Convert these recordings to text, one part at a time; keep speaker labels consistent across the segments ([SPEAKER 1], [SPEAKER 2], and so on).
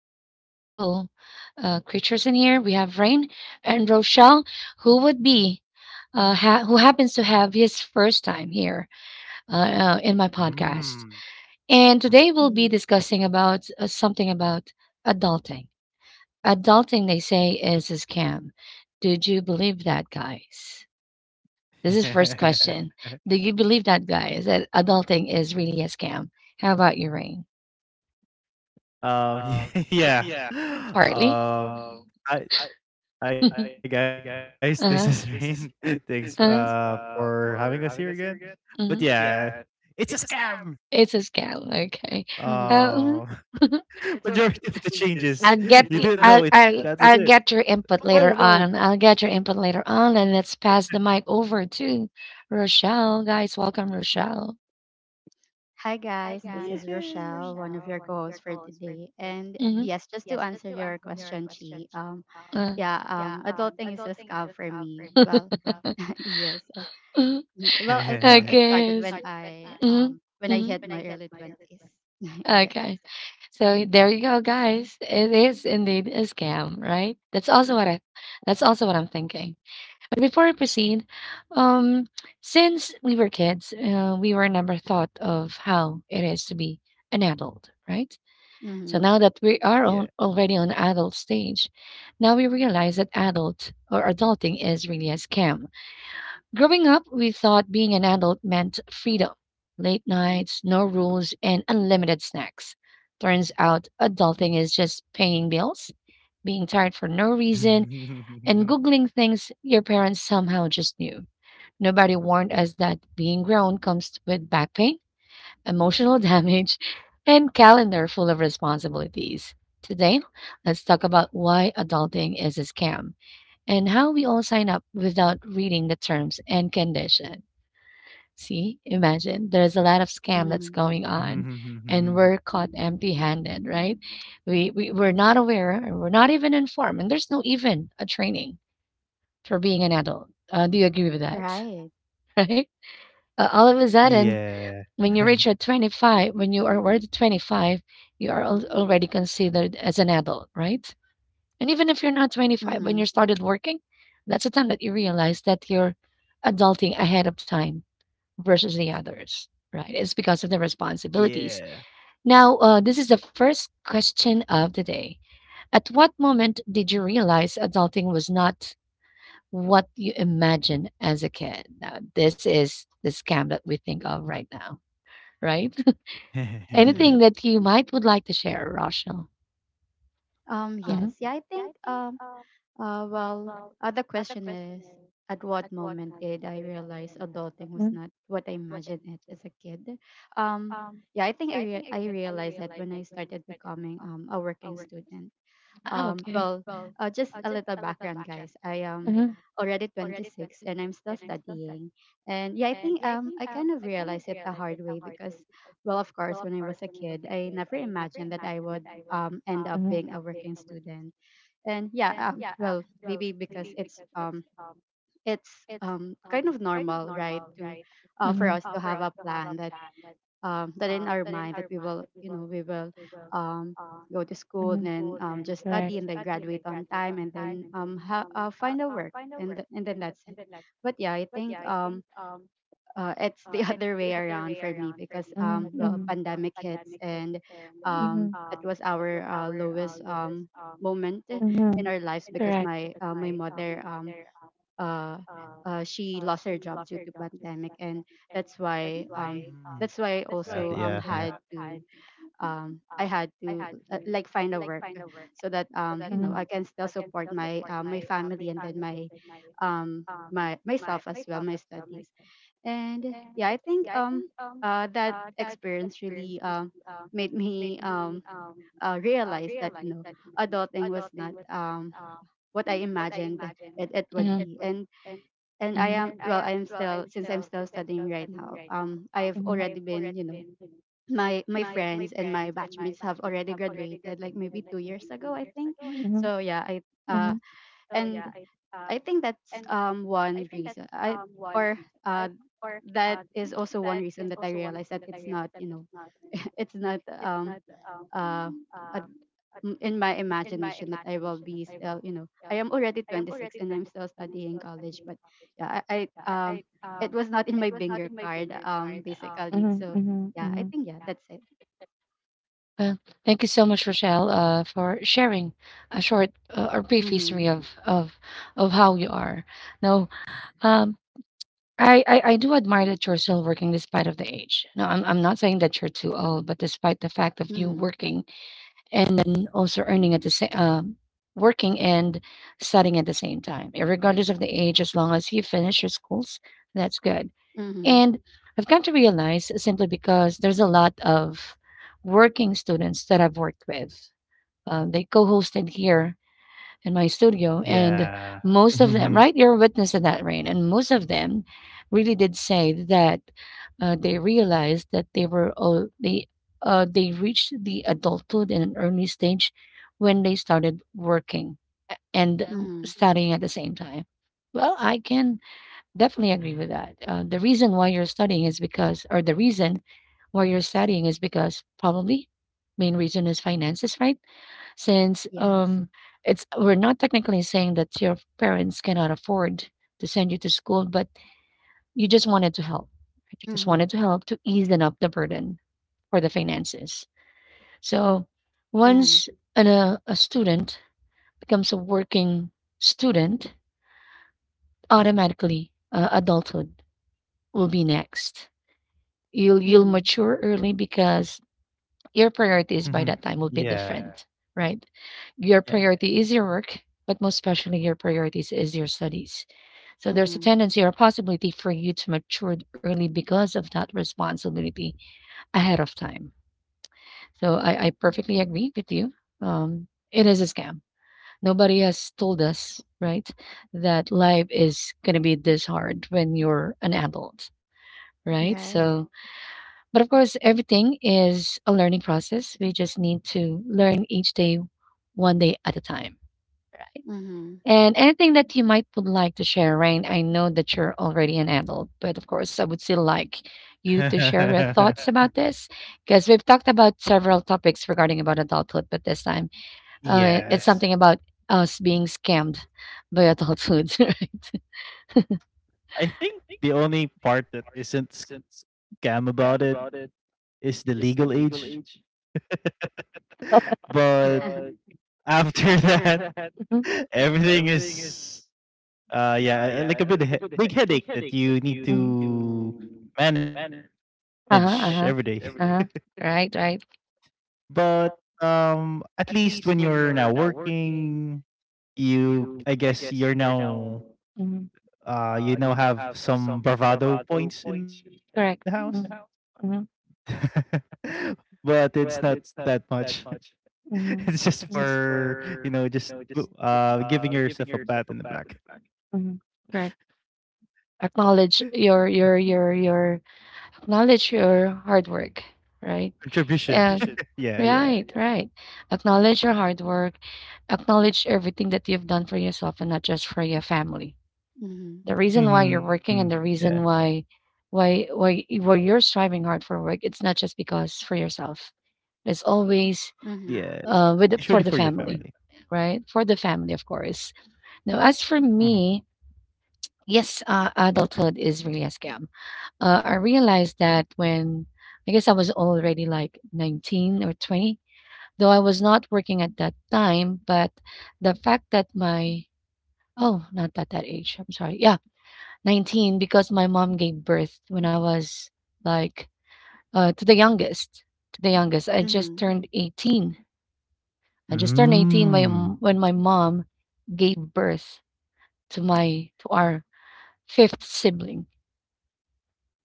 [SPEAKER 1] two beautiful creatures in here. We have Rain and Rochelle, who would be, who happens to have his first time here uh, in my podcast.
[SPEAKER 2] Mm.
[SPEAKER 1] And today
[SPEAKER 2] Mhm.
[SPEAKER 1] we'll be
[SPEAKER 3] Mm-hmm.
[SPEAKER 1] discussing about something about adulting. Adulting, they say, is a scam. Did you believe that, guys? This is for question. Do you believe that, guys, that adulting is really a scam? How about you, Rain?
[SPEAKER 2] Um, yeah.
[SPEAKER 1] Partly.
[SPEAKER 2] Um, hi hi guys, this is
[SPEAKER 1] Uh,
[SPEAKER 2] Rain. Thanks for having us here again. But
[SPEAKER 1] mhm.
[SPEAKER 2] yeah, it's a scam.
[SPEAKER 1] It's a scam. Okay.
[SPEAKER 3] hmm
[SPEAKER 1] Uh, mhm.
[SPEAKER 2] Uh, majority of the changes you didn't know it.
[SPEAKER 1] I'll
[SPEAKER 2] That was
[SPEAKER 1] get
[SPEAKER 2] it.
[SPEAKER 1] your input
[SPEAKER 2] Oh no!
[SPEAKER 1] I'll get your input later on, and let's pass the mic over to Rochelle. Guys, welcome, Rochelle.
[SPEAKER 3] Hi, guys. This is Rochelle, one of your
[SPEAKER 2] Yay!
[SPEAKER 3] co-hosts for today. And
[SPEAKER 1] Mhm.
[SPEAKER 3] yes, just to answer your question, Chi.
[SPEAKER 1] Uh,
[SPEAKER 3] Yeah. Adulting is a scam for me. Well, yes.
[SPEAKER 1] mhm.
[SPEAKER 3] Well, I think it started
[SPEAKER 1] Yes. Mhm.
[SPEAKER 3] when I
[SPEAKER 1] Mhm.
[SPEAKER 3] hit my early twenties. Yes.
[SPEAKER 1] Okay. So there you go, guys. It is indeed a scam, right? That's also what I'm thinking. But before I proceed, um, since we were kids, we were never thought of how it is to be an adult, right? So
[SPEAKER 3] Mm-hmm.
[SPEAKER 1] now that we are already on
[SPEAKER 2] yeah.
[SPEAKER 1] adult stage, now we realize that adult or adulting is really a scam. Growing up, we thought being an adult meant freedom, late nights, no rules, and unlimited snacks. Turns out adulting is just paying bills, being tired for no reason, and Googling things your parents somehow just knew. Nobody warned us that being grown comes with back pain, emotional damage, and calendar full of responsibilities. Today, let's talk about why adulting is a scam and how we all sign up without reading the terms and condition. See, imagine there's a lot of scam that's
[SPEAKER 3] Mm-hmm.
[SPEAKER 1] going on and we're caught empty-handed, right? We're not aware and we're not even informed and there's no even a training for being an adult. Do you agree with that?
[SPEAKER 3] Right.
[SPEAKER 1] Right? All of a sudden when you
[SPEAKER 2] yeah.
[SPEAKER 1] reach your 25, when you are already 25, you are already considered as an adult, right? And even if you're not 25, when
[SPEAKER 3] Mm-hmm.
[SPEAKER 1] you started working, that's the time that you realize that you're adulting ahead of time versus the others, right? It's because of the responsibilities.
[SPEAKER 2] yeah.
[SPEAKER 1] Now, this is the first question of the day. At what moment did you realize adulting was not what you imagined as a kid? Now, this is the scam that we think of right now, right?
[SPEAKER 3] Mm-hmm.
[SPEAKER 1] Anything that you might would like to share, Rochelle?
[SPEAKER 3] Yes. Yeah. I think. Well, the question is, at what moment did I realize adulting
[SPEAKER 1] Mm.
[SPEAKER 3] was not what I imagined it as a kid? Um, yeah, I think I realized that when I started becoming a working student.
[SPEAKER 1] Ah, okay.
[SPEAKER 3] Well, just a little background, guys. I am already 26 and I'm still studying. And yeah, I think I kind of realized it the hard way because, well, of course, when I was a kid, I never imagined that I would end up being a working student. And yeah, well, maybe because it's kind of normal, right, to, for us to have a plan that, that in our mind that we will um go to school and then, just study and then graduate on time and then, find a work and, and then that's it. But yeah, I think, it's the other way around for me, because, well, pandemic hits and,
[SPEAKER 1] Mhm,
[SPEAKER 3] that was our, lowest, moment
[SPEAKER 1] mhm,
[SPEAKER 3] in our lives, because my mother, uh, she lost her job due to pandemic. And that's why um that's why I also,
[SPEAKER 2] Yeah, yeah,
[SPEAKER 3] had
[SPEAKER 2] yeah.
[SPEAKER 3] to, like find a work, so that, I can still support my family, and then my my myself as well, my studies. And yeah, I think, that experience really, made me, realize that, adulting was not, what I imagined it would be. And I am well, I'm still, since I'm still studying right now, I have already been, my friends and my batchmates have already graduated, like maybe 2 years ago, I think. So yeah, I uh and I think that's one reason. I or uh that is also one reason that I realized that it's not, it's not, uh a, in my imagination, that I will be still, I am already 26 and I'm still studying college. But yeah, I, it was not in my bingo card, basically.
[SPEAKER 1] mhm,
[SPEAKER 3] So yeah, I
[SPEAKER 1] mhm.
[SPEAKER 3] think, yeah, that's it.
[SPEAKER 1] Well, thank you so much, Rochelle, for sharing a short or brief
[SPEAKER 3] Mhm.
[SPEAKER 1] history of how you are. Now, um, I do admire that you're still working despite of the age. No, I'm not saying that you're too old, but despite the fact of you
[SPEAKER 3] Mhm.
[SPEAKER 1] working and then also earning at the same working and studying at the same time, eh, regardless of the age, as long as you finish your schools, that's good.
[SPEAKER 3] Mhm.
[SPEAKER 1] And I've come to realize simply because there's a lot of working students that I've worked with. They co-hosted here in my studio, and
[SPEAKER 2] Yeah.
[SPEAKER 1] most of them, right?
[SPEAKER 2] Mhm,
[SPEAKER 1] You're a witness of that, Rain. And most of them really did say that they realized that they were all they reached the adulthood in an early stage when they started working and
[SPEAKER 3] Mhm.
[SPEAKER 1] studying at the same time. Well, I can definitely agree with that. The reason why you're studying is because, or the reason why you're studying is because probably main reason is finances, right? Since
[SPEAKER 3] Yes.
[SPEAKER 1] it's we're not technically saying that your parents cannot afford to send you to school, but you just wanted to help. Right? You just
[SPEAKER 3] Mhm.
[SPEAKER 1] wanted to help to ease them up the burden for the finances. So
[SPEAKER 3] Mhm.
[SPEAKER 1] once a student becomes a working student, automatically adulthood will be next. You'll
[SPEAKER 3] Mhm.
[SPEAKER 1] mature early because your priorities
[SPEAKER 2] mhm,
[SPEAKER 1] by that
[SPEAKER 2] mhm.
[SPEAKER 1] time will be different,
[SPEAKER 2] Yeah,
[SPEAKER 1] right? Your
[SPEAKER 2] yeah.
[SPEAKER 1] priority is your work, but most especially your priorities is your studies. So there's a
[SPEAKER 3] Mhm.
[SPEAKER 1] tendency or possibility for you to mature early because of that responsibility ahead of time. So I perfectly agree with you. It is a scam. Nobody has told us, right, that life is going to be this hard when you're an adult, right?
[SPEAKER 3] Right.
[SPEAKER 1] So but of course, everything is a learning process. We just need to learn each day, one day at a time. Right?
[SPEAKER 3] Mm-hmm.
[SPEAKER 1] And anything that you might would like to share, Rain? I know that you're already an adult, but of course, I would still like you to share about this because we've talked about several topics regarding about adulthood, but this time, uh, something
[SPEAKER 2] Yes.
[SPEAKER 1] about us being scammed by adulthood, right?
[SPEAKER 2] I think the only part that isn't scam about it is the legal age, but after that,
[SPEAKER 1] Mhm.
[SPEAKER 2] everything is, yeah, like a bit he big headache that you need to manage every day.
[SPEAKER 1] Uh-huh. Right, right.
[SPEAKER 2] But at least when you're now working, you, I guess, you're now
[SPEAKER 1] Mhm.
[SPEAKER 2] you now have some bravado points in the house.
[SPEAKER 1] Correct.
[SPEAKER 2] But it's not that much. It's just for you know just giving yourself a pat in the back,
[SPEAKER 1] Correct. Acknowledge your Acknowledge your hard work, right?
[SPEAKER 2] contribution. Yeah, yeah.
[SPEAKER 1] Yeah, right. Acknowledge your hard work. Acknowledge everything that you've done for yourself and not just for your family.
[SPEAKER 3] Mhm,
[SPEAKER 1] The reason why you're
[SPEAKER 2] Hmm,
[SPEAKER 1] working and
[SPEAKER 2] yeah,
[SPEAKER 1] the reason why why you're striving hard for work, it's not just because for yourself. It's always
[SPEAKER 2] yes,
[SPEAKER 3] mhm,
[SPEAKER 2] usually for your
[SPEAKER 1] for the
[SPEAKER 2] family.
[SPEAKER 1] family, right? For the family, of course. Now, as for
[SPEAKER 2] Hmm.
[SPEAKER 1] me, yes, adulthood is really a scam. I realized that when I guess I was already like 19 or 20, though I was not working at that time, but the fact that my oh, not at that age, I'm sorry. Yeah, 19, because my mom gave birth when I was like to the youngest, to the youngest. I just
[SPEAKER 3] mhm,
[SPEAKER 1] turned 18. I just turned 18
[SPEAKER 2] Mm.
[SPEAKER 1] when my mom gave birth to our fifth sibling.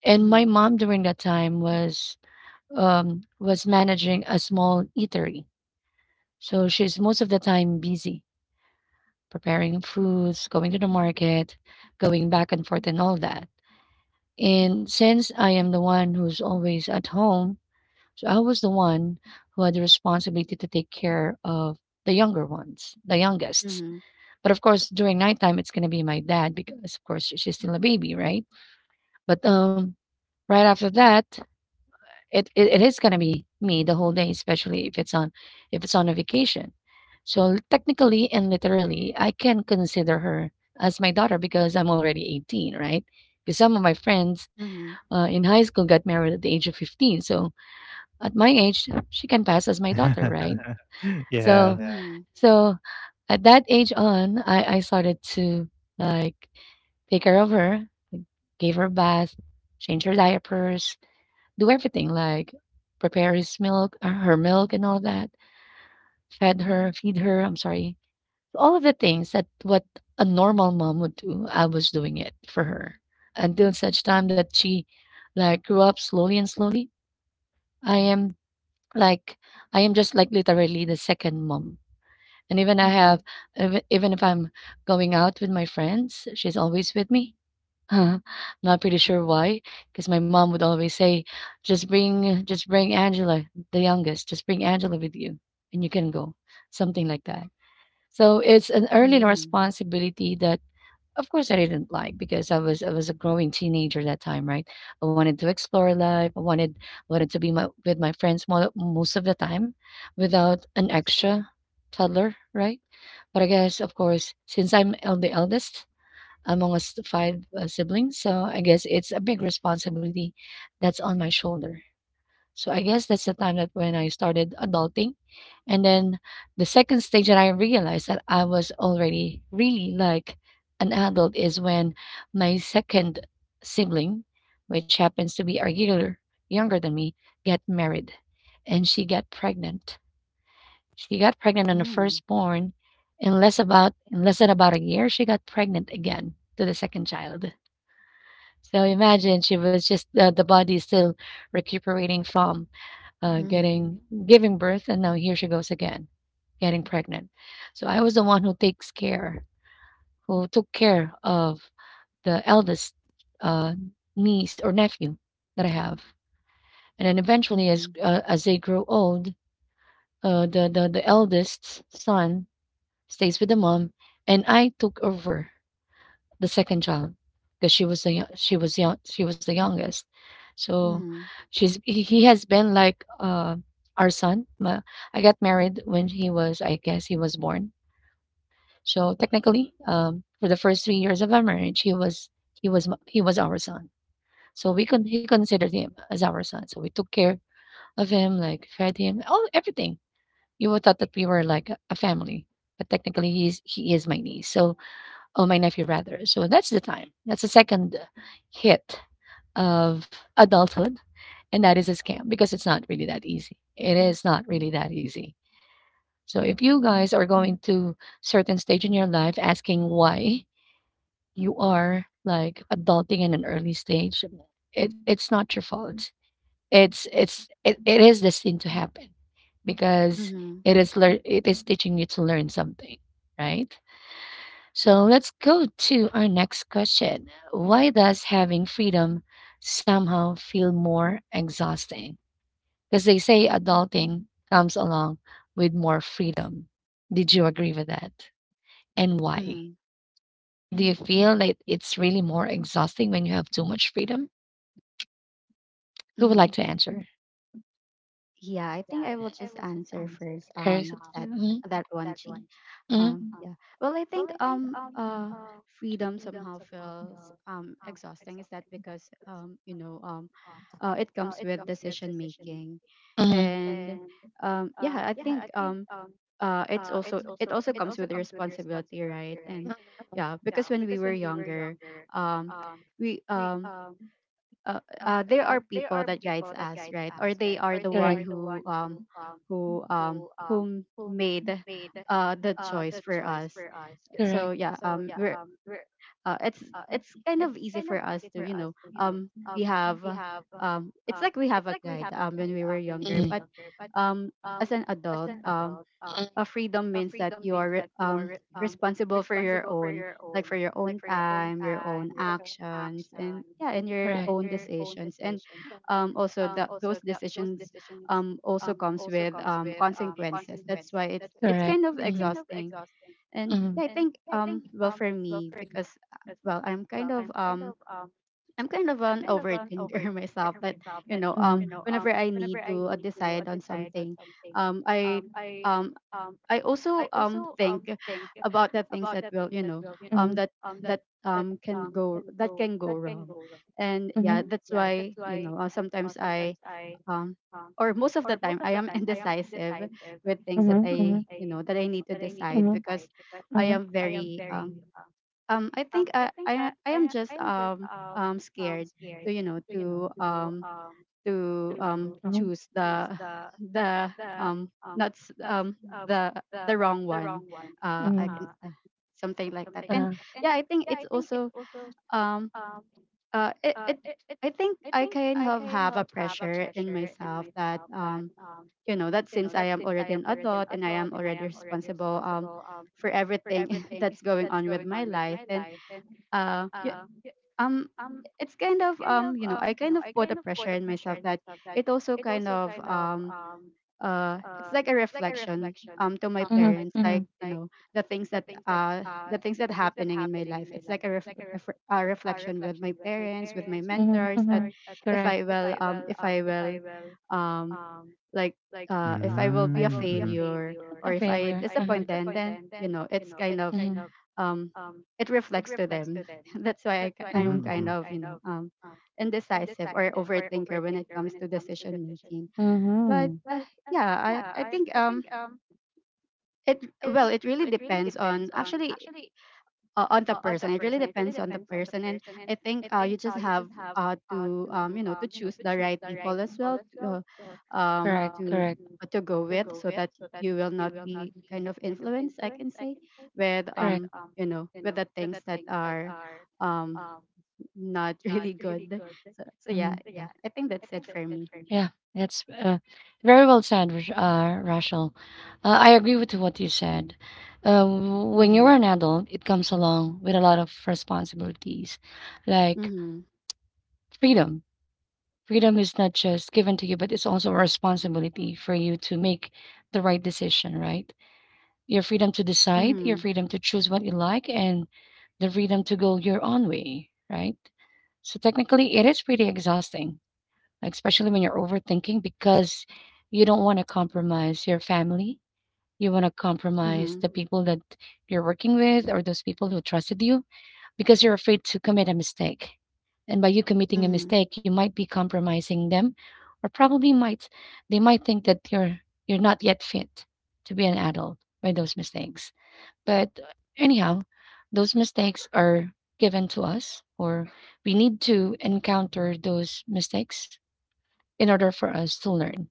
[SPEAKER 1] And my
[SPEAKER 3] mhm,
[SPEAKER 1] mom during that time was managing a small eatery. So she's most of the time busy preparing foods, going to the market, going back and forth, and all that. And since I am the one who's always at home, so I was the one who had the responsibility to take care of the younger ones, the youngest.
[SPEAKER 3] mhm,
[SPEAKER 1] But of course, during nighttime, it's going to be my dad because, of course, she's still a baby, right? But right after that, it is gonna be me the whole day, especially if it's on a vacation. So technically and literally, I can consider her as my daughter because I'm already 18, right? Because some of my friends
[SPEAKER 3] mhm,
[SPEAKER 1] in high school got married at the age of 15, so at my age, she can pass as my daughter, right? So
[SPEAKER 2] Yeah.
[SPEAKER 3] mhm,
[SPEAKER 1] so at that age on, I started to like take care of her, like, gave her a bath, change her diapers, do everything like prepare his milk, her milk and all that, feed her, I'm sorry. All of the things that what a normal mom would do, I was doing it for her until such time that she like grew up slowly and slowly. I am like I am just like literally the second mom. And even I have
[SPEAKER 3] mhm,
[SPEAKER 1] even even if I'm going out with my friends, she's always with me. I'm not pretty sure why, because my mom would always say, just bring Angela, the youngest, just bring Angela with you, and you can go," something like that. So it's an
[SPEAKER 3] mhm,
[SPEAKER 1] early
[SPEAKER 3] mhm,
[SPEAKER 1] responsibility that, of course, I didn't like because I was a growing teenager that time, right? I wanted to explore life. I wanted to be with my friends mo most of the time without an extra toddler, right? But I guess, of course, since I'm el the eldest, among us five siblings. So I guess it's a big responsibility that's on my shoulder. So I guess that's the time that when I started adulting. And then the second stage that I realized that I was already really like an adult is when my second sibling, which happens to be a year younger than me, get married and she got pregnant. She got pregnant on the
[SPEAKER 3] mhm,
[SPEAKER 1] firstborn in less than about a year she got pregnant again to the second child. So imagine she was just the body is still recuperating from
[SPEAKER 3] mhm,
[SPEAKER 1] getting giving birth, and now here she goes again, getting pregnant. So I was the one who takes care, who took care of the eldest uh, niece or nephew that I have. And then eventually, as
[SPEAKER 3] mhm,
[SPEAKER 1] uh, as they grow old, the eldest son stays with the mom, and I took over the second child because she was the youngest. So he has been like our son I got married when he was, I guess, he was born. So technically, for the first 3 years of our marriage, he was our son. So we could he considered him as our son, so we took care of him, like fed him all everything. You would thought that we were like a family, but technically he is my niece, so… Oh, my nephew rather. So that's the time. That's the second hit of adulthood, and that is a scam because it's not really that easy. It is not really that easy. So if you guys are going to certain stage in your life asking why you are like adulting in an early stage, it's not your fault. It is destined to happen because
[SPEAKER 3] mhm,
[SPEAKER 1] it is teaching you to learn something, right? So let's go to our next question. Why does having freedom somehow feel more exhausting? Because they say adulting comes along with more freedom. Did you agree with that? And why?
[SPEAKER 3] mhm,
[SPEAKER 1] Do you feel like it's really more exhausting when you have too much freedom? Who would like
[SPEAKER 3] mhm.
[SPEAKER 1] to answer?
[SPEAKER 3] Yeah, I think I will just answer first. That
[SPEAKER 1] Mhm,
[SPEAKER 3] that one, Chi.
[SPEAKER 1] mhm,
[SPEAKER 3] Yeah. Well, I think, freedom somehow feels, exhausting. Is that because, it comes with decision making.
[SPEAKER 1] mhm.
[SPEAKER 3] And, yeah, I think, it also comes with a responsibility, right? And
[SPEAKER 1] Mhm.
[SPEAKER 3] yeah, because when we were younger, um we uh, there are people that guides us, right, or they are the one whom made, the choice for us.
[SPEAKER 1] Correct.
[SPEAKER 3] So yeah, we're uh, it's it's kind of easy for us to, we have it's like we have a guide, when we were younger. But, um as an adult, freedom means that you are, responsible for your own, like, for your own time, your own actions, and, yeah, and your own decisions. And, also, those decisions, also comes with, consequences. That's why it's
[SPEAKER 1] Correct.
[SPEAKER 3] kind of exhausting. And
[SPEAKER 1] Mm-hmm.
[SPEAKER 3] yeah, I
[SPEAKER 1] You.
[SPEAKER 3] think, well, for me, because, well, I'm kind of an overthinker myself. But,
[SPEAKER 1] Mm-hmm.
[SPEAKER 3] whenever I need to, decide on something, um, i um I also, think about the things that will,
[SPEAKER 1] Mm-hmm.
[SPEAKER 3] um that that can go wrong, and
[SPEAKER 1] Mm-hmm.
[SPEAKER 3] yeah, that's why, sometimes I, um or most of the time, I am indecisive with things that
[SPEAKER 1] Mm-hmm. You.
[SPEAKER 3] I
[SPEAKER 1] Mm-hmm.
[SPEAKER 3] you know that I need to decide, because I am
[SPEAKER 1] Mm-hmm.
[SPEAKER 3] very, I think I am just, scared to, choose the the not s- the the wrong one.
[SPEAKER 1] Mm-hmm.
[SPEAKER 3] I can,
[SPEAKER 1] Mm-hmm.
[SPEAKER 3] something like that. And yeah, I think it's also, um, it, it I think I kind of have a pressure in myself that, since I am already an adult and I am already responsible, for everything that's going on with my life, and, uh, um it's kind of, I kind of put a pressure in myself, that it also kind of, it's like a reflection, to my parents, the things that happening in my life. It's like a reflection with my parents, with my
[SPEAKER 1] Mm-hmm.
[SPEAKER 3] mentors, that
[SPEAKER 1] Mm-hmm. Correct.
[SPEAKER 3] if I will um like if I will be a
[SPEAKER 2] Mm-hmm. Mm-hmm.
[SPEAKER 3] failure, or if I
[SPEAKER 1] If.
[SPEAKER 3] disappoint them, then, it's kind of, um, it reflects to them. That's why I'm
[SPEAKER 1] Mm-hmm.
[SPEAKER 3] kind
[SPEAKER 2] Mm-hmm.
[SPEAKER 3] of, indecisive, or overthinker when it comes to decision making. But,
[SPEAKER 1] Mm-hmm.
[SPEAKER 3] yeah, I think, it well, it really depends on, actually, on the person. It really depends on the person, and I think, you just have, to, to choose the right people as well uh, um, to to go with, so that you will not be kind of influenced, I can say, with, the things that are, um not really good. So, yeah,
[SPEAKER 1] Mhm.
[SPEAKER 3] yeah, I think that's it for me.
[SPEAKER 1] Yeah, that's very well said, Rachel. I agree with what you said. Uh, when
[SPEAKER 3] Mm-hmm.
[SPEAKER 1] you're an adult, it comes along with a lot of responsibilities, like
[SPEAKER 3] Mm-hmm.
[SPEAKER 1] freedom. Freedom is not just given to you, but it's also a responsibility for you to make the right decision, right? Your freedom to decide, your
[SPEAKER 3] Mm-hmm.
[SPEAKER 1] freedom to choose what you like, and the freedom to go your own way, right? So technically, it is pretty exhausting, like, especially when you're overthinking because you don't want to compromise your family. You want to compromise the people that you're working with or those people who trusted you because you're afraid to commit a mistake. And by you committing a
[SPEAKER 3] Mm-hmm.
[SPEAKER 1] mistake, you might be compromising them, or probably might they might think that you're not yet fit to be an adult by those mistakes. But anyhow, those mistakes are given to us, or we need to encounter those mistakes in order for us to learn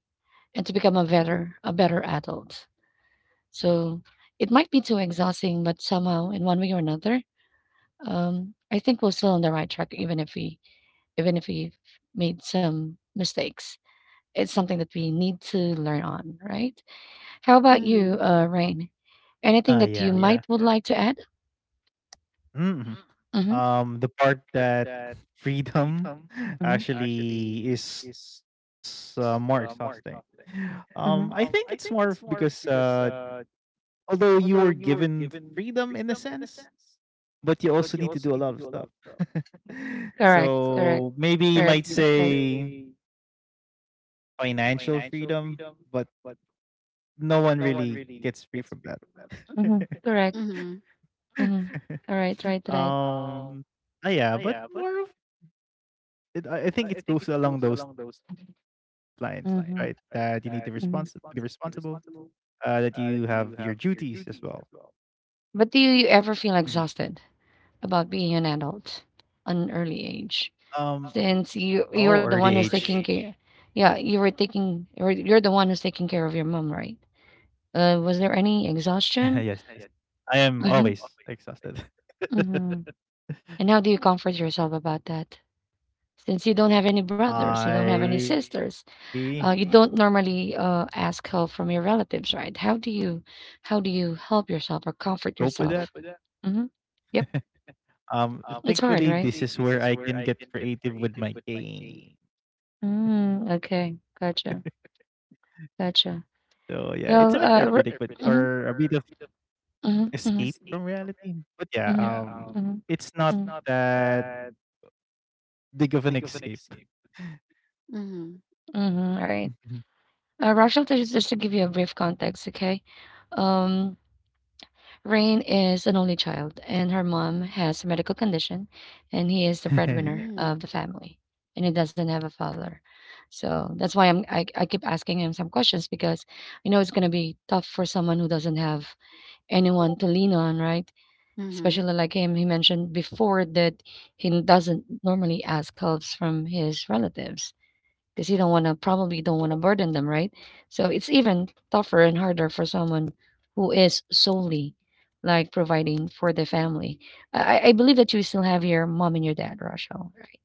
[SPEAKER 1] and to become
[SPEAKER 3] Mm-hmm.
[SPEAKER 1] a better adult. So it might be too exhausting, but somehow, in one way or another, I think we're still on the right track, even if we even if we made some mistakes. It's something that we need to learn on, right? How about
[SPEAKER 3] Mm-hmm.
[SPEAKER 1] you, Rain? Anything
[SPEAKER 2] Ah,
[SPEAKER 1] that
[SPEAKER 2] yeah, yeah.
[SPEAKER 1] like to add?
[SPEAKER 2] Mm-hmm.
[SPEAKER 1] Mm-hmm,
[SPEAKER 2] The part that freedom
[SPEAKER 1] mm-hmm,
[SPEAKER 2] actually is more exhausting. I think it's
[SPEAKER 1] mm-hmm.
[SPEAKER 2] more of because although you were given freedom in a sense, but you also need to do a lot of stuff.
[SPEAKER 1] Correct.
[SPEAKER 2] So maybe you might say financial freedom, but no one really gets free from that.
[SPEAKER 1] Mm-hmm. Correct.
[SPEAKER 3] Mm-hmm. Mm-hmm.
[SPEAKER 1] Mm-hmm. All right, right, right.
[SPEAKER 2] um, yeah, but more of It I think it goes along those lines, right? That you need to respons to be responsible, that you have your duties as well.
[SPEAKER 1] But do you
[SPEAKER 2] Mhm.
[SPEAKER 1] ever feel exhausted about being an adult at an early age?
[SPEAKER 2] Um,
[SPEAKER 1] Since you
[SPEAKER 2] oh,
[SPEAKER 1] you're
[SPEAKER 2] early
[SPEAKER 1] the one who's
[SPEAKER 2] age.
[SPEAKER 1] taking care, yeah, you're the one who's taking care of your mom, right? Was there
[SPEAKER 2] Yes,
[SPEAKER 1] any
[SPEAKER 2] yes. I
[SPEAKER 1] exhaustion?
[SPEAKER 2] am always exhausted.
[SPEAKER 1] Mm-hmm. Mm-hmm. And how do you comfort yourself about that? Since you don't have any brothers, you don't have any
[SPEAKER 2] I
[SPEAKER 1] sisters, you don't normally ask help from your relatives, right? How do you help yourself or
[SPEAKER 2] cope with
[SPEAKER 1] comfort
[SPEAKER 2] that.
[SPEAKER 1] yourself? Mm-hmm.
[SPEAKER 2] Um,
[SPEAKER 1] It's
[SPEAKER 2] thankfully,
[SPEAKER 1] hard,
[SPEAKER 2] this
[SPEAKER 1] right?
[SPEAKER 2] is where I can get creative with my game.
[SPEAKER 1] A. Mm, okay. Gotcha.
[SPEAKER 2] So yeah, it's
[SPEAKER 1] Gotcha.
[SPEAKER 2] a bit therapeutic, but
[SPEAKER 1] Well, uh,
[SPEAKER 2] or
[SPEAKER 1] re-
[SPEAKER 2] a bit of
[SPEAKER 1] mhm,
[SPEAKER 2] escape
[SPEAKER 1] of
[SPEAKER 2] from
[SPEAKER 1] mhm,
[SPEAKER 2] reality.
[SPEAKER 1] mhm,
[SPEAKER 2] But yeah,
[SPEAKER 1] mhm,
[SPEAKER 2] it's
[SPEAKER 1] mhm,
[SPEAKER 2] not
[SPEAKER 1] mhm,
[SPEAKER 2] that big of an escape.
[SPEAKER 3] Mm-hmm.
[SPEAKER 1] mhm. All right. Rachel, just to give you a brief context, okay? Um, Rain is an only child, and her mom has a medical condition, and he is the breadwinner of
[SPEAKER 3] Mm-hmm.
[SPEAKER 1] the family, and he doesn't have a father. So that's why I keep asking him some questions because I know it's gonna be tough for someone who doesn't have anyone to lean on, right?
[SPEAKER 3] Mm-hmm.
[SPEAKER 1] Especially like him, he mentioned before that he doesn't normally ask helps from his relatives because you don't want to probably don't want to burden them, right? So it's even tougher and harder for someone who is solely like providing for the family. I believe that you still have your mom and your dad, Rachel, right?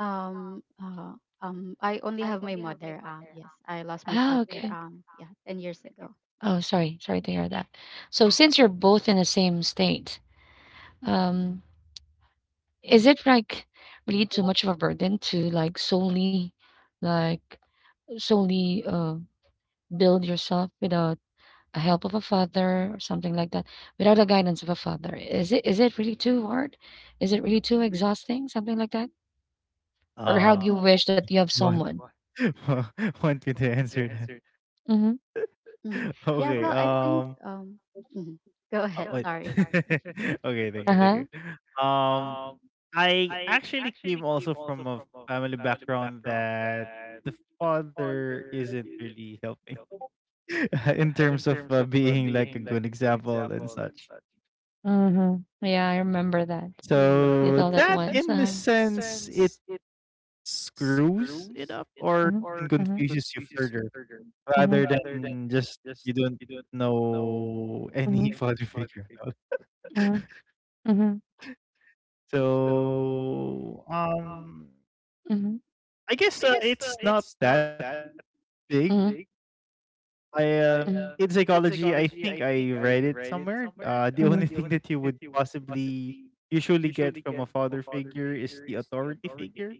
[SPEAKER 3] Um, uh, I only have my mother. Yes, I lost my
[SPEAKER 1] Ah,
[SPEAKER 3] father.
[SPEAKER 1] okay.
[SPEAKER 3] Yeah, 10 years ago.
[SPEAKER 1] Oh, sorry, sorry to hear that. So since you're both in the same state, um, is it like really too much of a burden to like solely build yourself without a help of a father or something like that, without the guidance of a father? Is it really too hard? Is it really too exhausting, something like that? Or how do
[SPEAKER 2] um,
[SPEAKER 1] you
[SPEAKER 3] Mm.
[SPEAKER 1] wish that you have
[SPEAKER 2] want
[SPEAKER 1] someone…
[SPEAKER 2] want me to answer that?
[SPEAKER 1] Mm-hmm.
[SPEAKER 3] Mm-hmm. Yeah,
[SPEAKER 2] Okay.
[SPEAKER 3] well, I think. Mhm. Go ahead.
[SPEAKER 2] Wait.
[SPEAKER 3] Sorry.
[SPEAKER 2] Okay. Thank you. Thank
[SPEAKER 1] Uh-huh.
[SPEAKER 2] you. Um. I actually came also from a family background that the father isn't really helping in terms of being like a good example and such.
[SPEAKER 1] Mm-hmm. Yeah, I remember that.
[SPEAKER 3] Mm-hmm.
[SPEAKER 1] You
[SPEAKER 2] So
[SPEAKER 1] thought that
[SPEAKER 2] that,
[SPEAKER 1] once.
[SPEAKER 2] in the
[SPEAKER 1] Uh-huh.
[SPEAKER 2] sense, it screws it up
[SPEAKER 1] Mm-hmm.
[SPEAKER 2] or even
[SPEAKER 1] Mm-hmm.
[SPEAKER 2] confuses you further
[SPEAKER 1] Mm-hmm.
[SPEAKER 2] rather than just you don't know
[SPEAKER 1] Mm-hmm.
[SPEAKER 2] any father figure at all.
[SPEAKER 1] That. Mm-hmm. Mm-hmm.
[SPEAKER 2] So,
[SPEAKER 1] Mm-hmm.
[SPEAKER 2] I guess, it's not that big.
[SPEAKER 1] Mm-hmm.
[SPEAKER 2] I, uh in
[SPEAKER 1] Mhm.
[SPEAKER 2] psychology, I think I read it somewhere. The only thing that you
[SPEAKER 1] Mhm.
[SPEAKER 2] would possibly usually get from a father figure is the authority figure,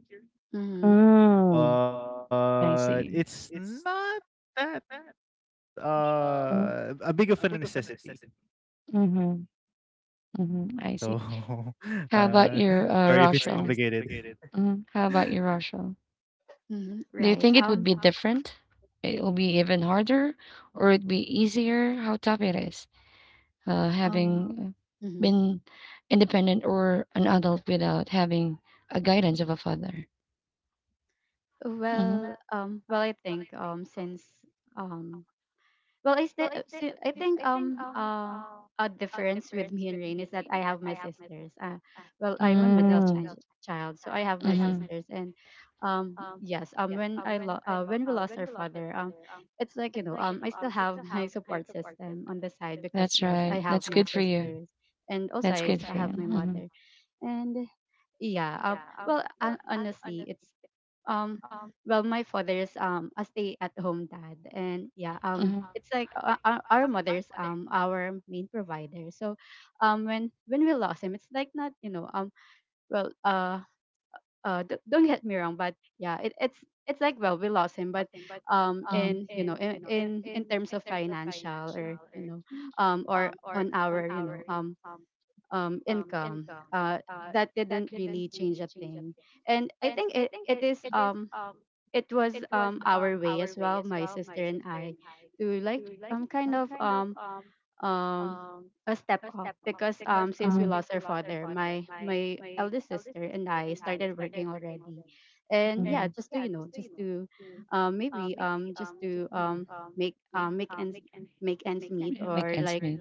[SPEAKER 3] Mm-hmm.
[SPEAKER 1] Mm,
[SPEAKER 2] but
[SPEAKER 1] I
[SPEAKER 2] it's
[SPEAKER 1] see.
[SPEAKER 2] not that,
[SPEAKER 1] Mm,
[SPEAKER 2] a big of a necessity.
[SPEAKER 1] mhm, mhm, I
[SPEAKER 2] So,
[SPEAKER 1] see. How
[SPEAKER 2] uh,
[SPEAKER 1] about your sorry, if
[SPEAKER 2] sorry if it's
[SPEAKER 1] Rochelle?
[SPEAKER 2] complicated.
[SPEAKER 1] Mhm. How about
[SPEAKER 2] Mm,
[SPEAKER 1] your Rochelle?
[SPEAKER 3] Mm-hmm.
[SPEAKER 1] Do you
[SPEAKER 3] Right.
[SPEAKER 1] think it would be different? It will be even harder, or it'd be easier? How tough it is,
[SPEAKER 3] Um.
[SPEAKER 1] having uh,
[SPEAKER 3] Mm-hmm.
[SPEAKER 1] been independent or an adult without having a guidance of a father. Mhm.
[SPEAKER 3] Well. Well, I think. Since. Um. Well, I still, I think, a difference with me and Rain is that I have my sisters. Well,
[SPEAKER 1] So.
[SPEAKER 3] I'm a middle
[SPEAKER 1] Mm.
[SPEAKER 3] child, so I have my
[SPEAKER 1] Mm-hmm.
[SPEAKER 3] sisters, and, yes, when when we lost our father, it's like, I still have my support system on the side, because
[SPEAKER 1] That's
[SPEAKER 3] yes,
[SPEAKER 1] right.
[SPEAKER 3] I have
[SPEAKER 1] That's
[SPEAKER 3] my
[SPEAKER 1] good for you.
[SPEAKER 3] sisters, and also
[SPEAKER 1] That's
[SPEAKER 3] I
[SPEAKER 1] good
[SPEAKER 3] still
[SPEAKER 1] for
[SPEAKER 3] have my
[SPEAKER 1] you.
[SPEAKER 3] mother, and yeah, well, honestly, it's um, well, my father is, a stay-at-home dad, and yeah,
[SPEAKER 1] Mm-hmm.
[SPEAKER 3] it's like, our mother's, our main provider. So, when we lost him, it's like, not, well, don't get me wrong. But yeah, it's like, well, we lost him, but, in terms of financial, or on our, income, that didn't really change a thing. And I think, it was, our way as well, my sister and I, to, kind of, um a step up,
[SPEAKER 1] Mm-hmm.
[SPEAKER 3] because, since we
[SPEAKER 1] Mm-hmm.
[SPEAKER 3] lost our father, my eldest sister and I started working already, and yeah,
[SPEAKER 1] Mm-hmm.
[SPEAKER 3] just to, maybe, just to make um make ends make ends meet,
[SPEAKER 1] Make
[SPEAKER 3] or
[SPEAKER 1] ends
[SPEAKER 3] like,
[SPEAKER 1] meet.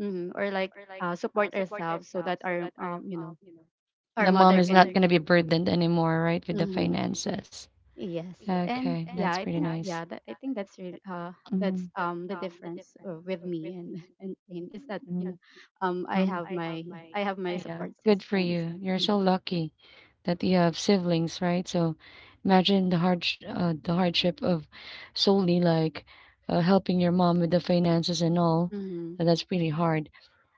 [SPEAKER 3] or like, support ourselves, so that our you know our
[SPEAKER 1] The mom
[SPEAKER 3] mother
[SPEAKER 1] is not
[SPEAKER 3] can.
[SPEAKER 1] going to be burdened anymore, right, with the
[SPEAKER 3] Mhm.
[SPEAKER 1] finances.
[SPEAKER 3] Yes, and
[SPEAKER 1] Okay,
[SPEAKER 3] yeah,
[SPEAKER 1] that's
[SPEAKER 3] I
[SPEAKER 1] pretty
[SPEAKER 3] think,
[SPEAKER 1] nice.
[SPEAKER 3] yeah, that I think that's the difference, with me and and Jane, is that,
[SPEAKER 1] Mm,
[SPEAKER 3] um I
[SPEAKER 1] mm.
[SPEAKER 3] have my I have my
[SPEAKER 1] Yeah,
[SPEAKER 3] support
[SPEAKER 1] good for
[SPEAKER 3] systems.
[SPEAKER 1] you. You're so
[SPEAKER 3] Mm-hmm.
[SPEAKER 1] lucky that you have siblings, right? So imagine the hardship of solely like helping your mom with the finances and all. That's pretty hard.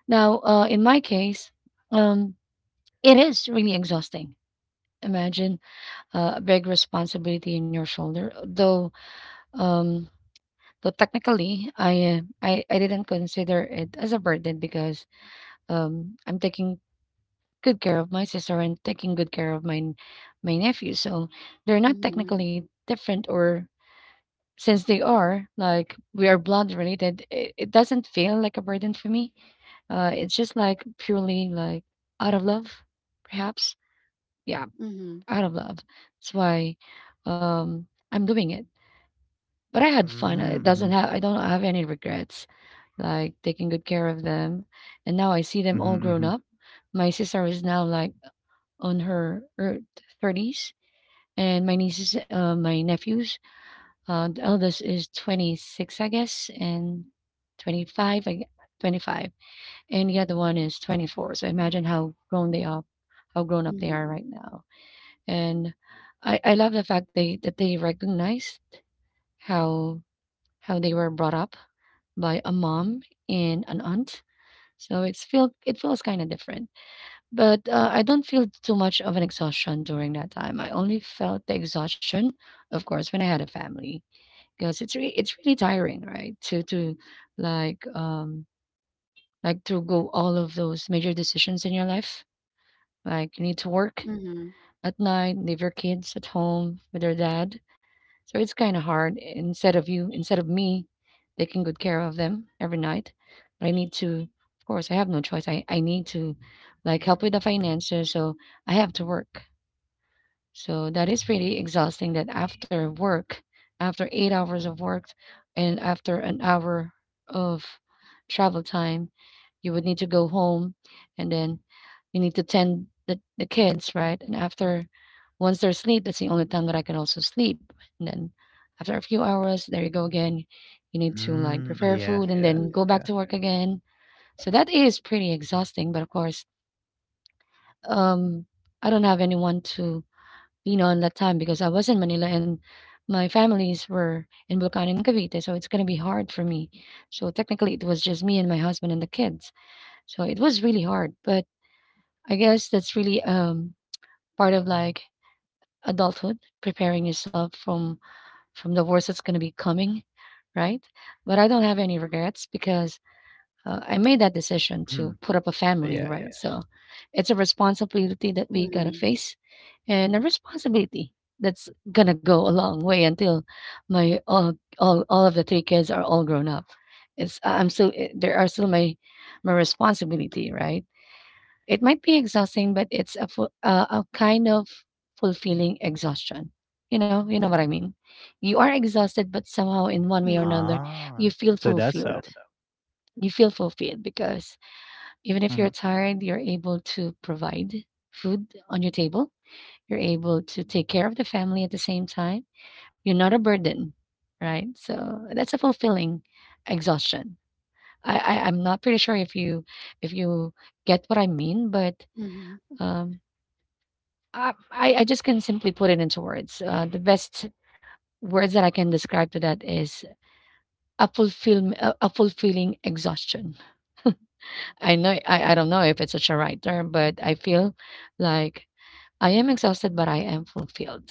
[SPEAKER 1] Now, in my case, um, it is really exhausting. Imagine a big responsibility in your shoulder, though. Um, though technically, I didn't consider it as a burden because I'm taking good care of my sister and taking good care of my nephew. So they're not
[SPEAKER 3] Mm-hmm.
[SPEAKER 1] technically different, or since they are like we are blood related, it doesn't feel like a burden for me. It's just like purely like out of love, perhaps. Yeah,
[SPEAKER 3] Mm-hmm.
[SPEAKER 1] out of love. That's why I'm doing it. But I had fun. It doesn't
[SPEAKER 2] mhm,
[SPEAKER 1] have. I don't have any regrets. Like taking good care of them, and now I see them all
[SPEAKER 2] mhm,
[SPEAKER 1] grown
[SPEAKER 2] mhm.
[SPEAKER 1] up. My sister is now like on her 30s, and my nephews, the eldest is 26 I guess, and 25 I, 25, and the other one is 24. So imagine how grown they are, how grown up they are
[SPEAKER 3] Mm-hmm.
[SPEAKER 1] right now. And I love the fact they that they recognize how they were brought up by a mom and an aunt. So it feels kind of different. But, I don't feel too much of an exhaustion during that time. I only felt the exhaustion, of course, when I had a family, because it's really tiring, right? To like, um, like to go all of those major decisions in your life. Like, you need to work
[SPEAKER 3] Mm-hmm.
[SPEAKER 1] at night, leave your kids at home with their dad. So it's kinda hard instead of me taking good care of them every night. But I need to, of course, I have no choice. I need to, like, help with the finances, so I have to work. So that is really exhausting that after work, after 8 hours of work and after an hour of travel time, you would need to go home and then you need to tend the kids, right? And after once they're asleep, that's the only time that I can also sleep. And then after a few hours, there you go again. You need to like
[SPEAKER 2] Mm, ah,
[SPEAKER 1] prepare
[SPEAKER 2] yeah,
[SPEAKER 1] food and
[SPEAKER 2] yeah,
[SPEAKER 1] then go
[SPEAKER 3] Mm-hmm.
[SPEAKER 1] back
[SPEAKER 2] yeah.
[SPEAKER 1] to work again. So that is pretty exhausting. But of course, um, I don't have anyone to, you know, on that time because I was in Manila and my families were in Bulacan and Cavite, so it's gonna be hard for me. So technically, it was just me and my husband and the kids. So it was really hard, but I guess that's really part of like adulthood, preparing yourself from the worst that's gonna be coming, right? But I don't have any regrets because I made that decision to
[SPEAKER 2] Mhm.
[SPEAKER 1] put up a
[SPEAKER 2] Ah,
[SPEAKER 1] family,
[SPEAKER 2] yeah,
[SPEAKER 1] right?
[SPEAKER 2] yeah.
[SPEAKER 1] Yeah. So it's a responsibility that we gotta
[SPEAKER 3] Mm-hmm.
[SPEAKER 1] face, and a responsibility that's gonna go a long way until my all of the three kids are all grown up. It's I- am still eh, there are still my responsibility, right? It might be exhausting, but it's a kind of fulfilling exhaustion. You know what I mean. You are exhausted, but somehow in one way or
[SPEAKER 3] Mm-hmm.
[SPEAKER 1] another,
[SPEAKER 2] Ah,
[SPEAKER 1] you feel
[SPEAKER 2] so that's
[SPEAKER 1] fulfilled.
[SPEAKER 2] how it
[SPEAKER 1] You feel fulfilled because even if you're
[SPEAKER 2] mhm.
[SPEAKER 1] tired, you're able to provide food on your table, you're able to take care of the family at the same time. You're not a burden, right? So that's a fulfilling exhaustion. I'm not pretty sure if you get what I mean, but
[SPEAKER 3] Mm-hmm.
[SPEAKER 1] um, I just can simply put it into words. The best words that I can describe to that is a fulfilling exhaustion. I know I don't know if it's such a right term, but I feel like I am exhausted, but I am fulfilled.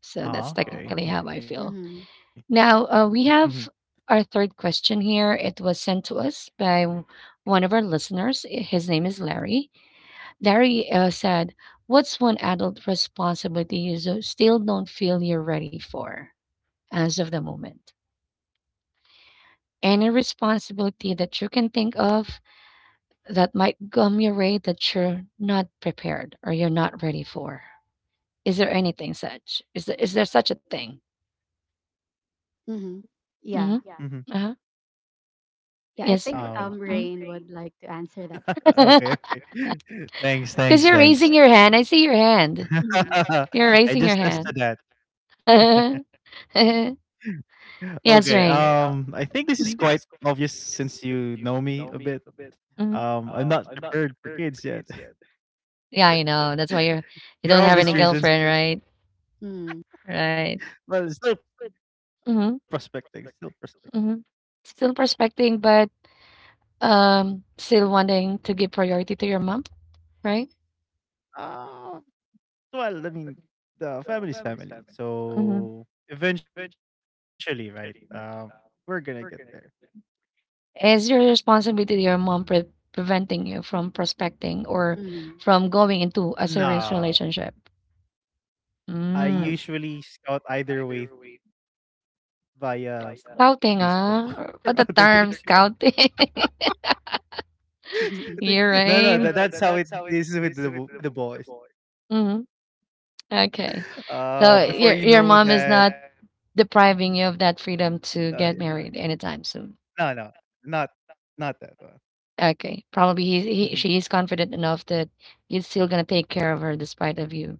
[SPEAKER 1] So that's
[SPEAKER 2] Ah,
[SPEAKER 1] technically
[SPEAKER 2] okay,
[SPEAKER 1] how I
[SPEAKER 2] okay.
[SPEAKER 1] feel.
[SPEAKER 3] Mm-hmm.
[SPEAKER 2] Mhm,
[SPEAKER 1] Now, we have our third question here. It was sent to us by one of our listeners. His name is Larry. Larry said, what's one adult responsibility you still don't feel you're ready for as of the moment? Any responsibility that you can think of that might come your way that you're not prepared or you're not ready for? Is there anything such? Is there such a thing?
[SPEAKER 3] Mm-hmm. Yeah,
[SPEAKER 1] Mm-hmm.
[SPEAKER 2] mhm.
[SPEAKER 1] Uh-huh.
[SPEAKER 3] yeah, I
[SPEAKER 1] Yes.
[SPEAKER 3] think
[SPEAKER 2] Um,
[SPEAKER 3] Rain would like to answer that first.
[SPEAKER 2] okay, okay. Thanks,
[SPEAKER 1] Because
[SPEAKER 2] thanks,
[SPEAKER 1] you're
[SPEAKER 2] thanks.
[SPEAKER 1] raising your hand. I see your hand.
[SPEAKER 3] Mm-hmm.
[SPEAKER 1] You're
[SPEAKER 2] I
[SPEAKER 1] raising your
[SPEAKER 2] just tested
[SPEAKER 1] hand.
[SPEAKER 2] that.
[SPEAKER 1] Yes,
[SPEAKER 2] Okay, I
[SPEAKER 1] Rain.
[SPEAKER 2] think this is quite
[SPEAKER 1] Mhm,
[SPEAKER 2] obvious since you know me a bit.
[SPEAKER 1] mhm.
[SPEAKER 2] I'm not prepared for kids yet.
[SPEAKER 1] Yeah, I know. That's why you're you
[SPEAKER 2] For
[SPEAKER 1] don't have
[SPEAKER 2] obvious
[SPEAKER 1] any
[SPEAKER 2] reasons,
[SPEAKER 1] girlfriend, right? Right.
[SPEAKER 2] but still prospecting, still
[SPEAKER 1] Mm-hmm,
[SPEAKER 2] prospecting.
[SPEAKER 1] mm-hmm. Still prospecting, but still wanting to give priority to your mom, right?
[SPEAKER 2] Ah, well, I mean, the family's family.
[SPEAKER 1] Mm-hmm.
[SPEAKER 2] So eventually, right? We're gonna get there.
[SPEAKER 1] Is your responsibility to your mom preventing you from prospecting or
[SPEAKER 3] Mm-hmm.
[SPEAKER 1] from going into a
[SPEAKER 2] No,
[SPEAKER 1] serious relationship? I.
[SPEAKER 2] I
[SPEAKER 1] Mm.
[SPEAKER 2] usually scout either way via Facebook or
[SPEAKER 1] Scouting,
[SPEAKER 2] other
[SPEAKER 1] ah,
[SPEAKER 2] dating.
[SPEAKER 1] what the term scouting?
[SPEAKER 2] Scouting.
[SPEAKER 3] Mm-hmm.
[SPEAKER 2] No,
[SPEAKER 1] You're
[SPEAKER 2] no, that, that's how
[SPEAKER 1] no,
[SPEAKER 2] it
[SPEAKER 1] right.
[SPEAKER 2] is with the boys.
[SPEAKER 1] Mhm, okay. So
[SPEAKER 2] Before you
[SPEAKER 1] your
[SPEAKER 2] know
[SPEAKER 1] mom is so
[SPEAKER 2] that,
[SPEAKER 1] not depriving you of
[SPEAKER 2] yeah.
[SPEAKER 1] that freedom to get married
[SPEAKER 2] No, no,
[SPEAKER 1] anytime soon.
[SPEAKER 2] not not that one.
[SPEAKER 1] Okay, probably
[SPEAKER 2] Mhm.
[SPEAKER 1] he's he she is confident enough that he's still gonna take care of her despite of you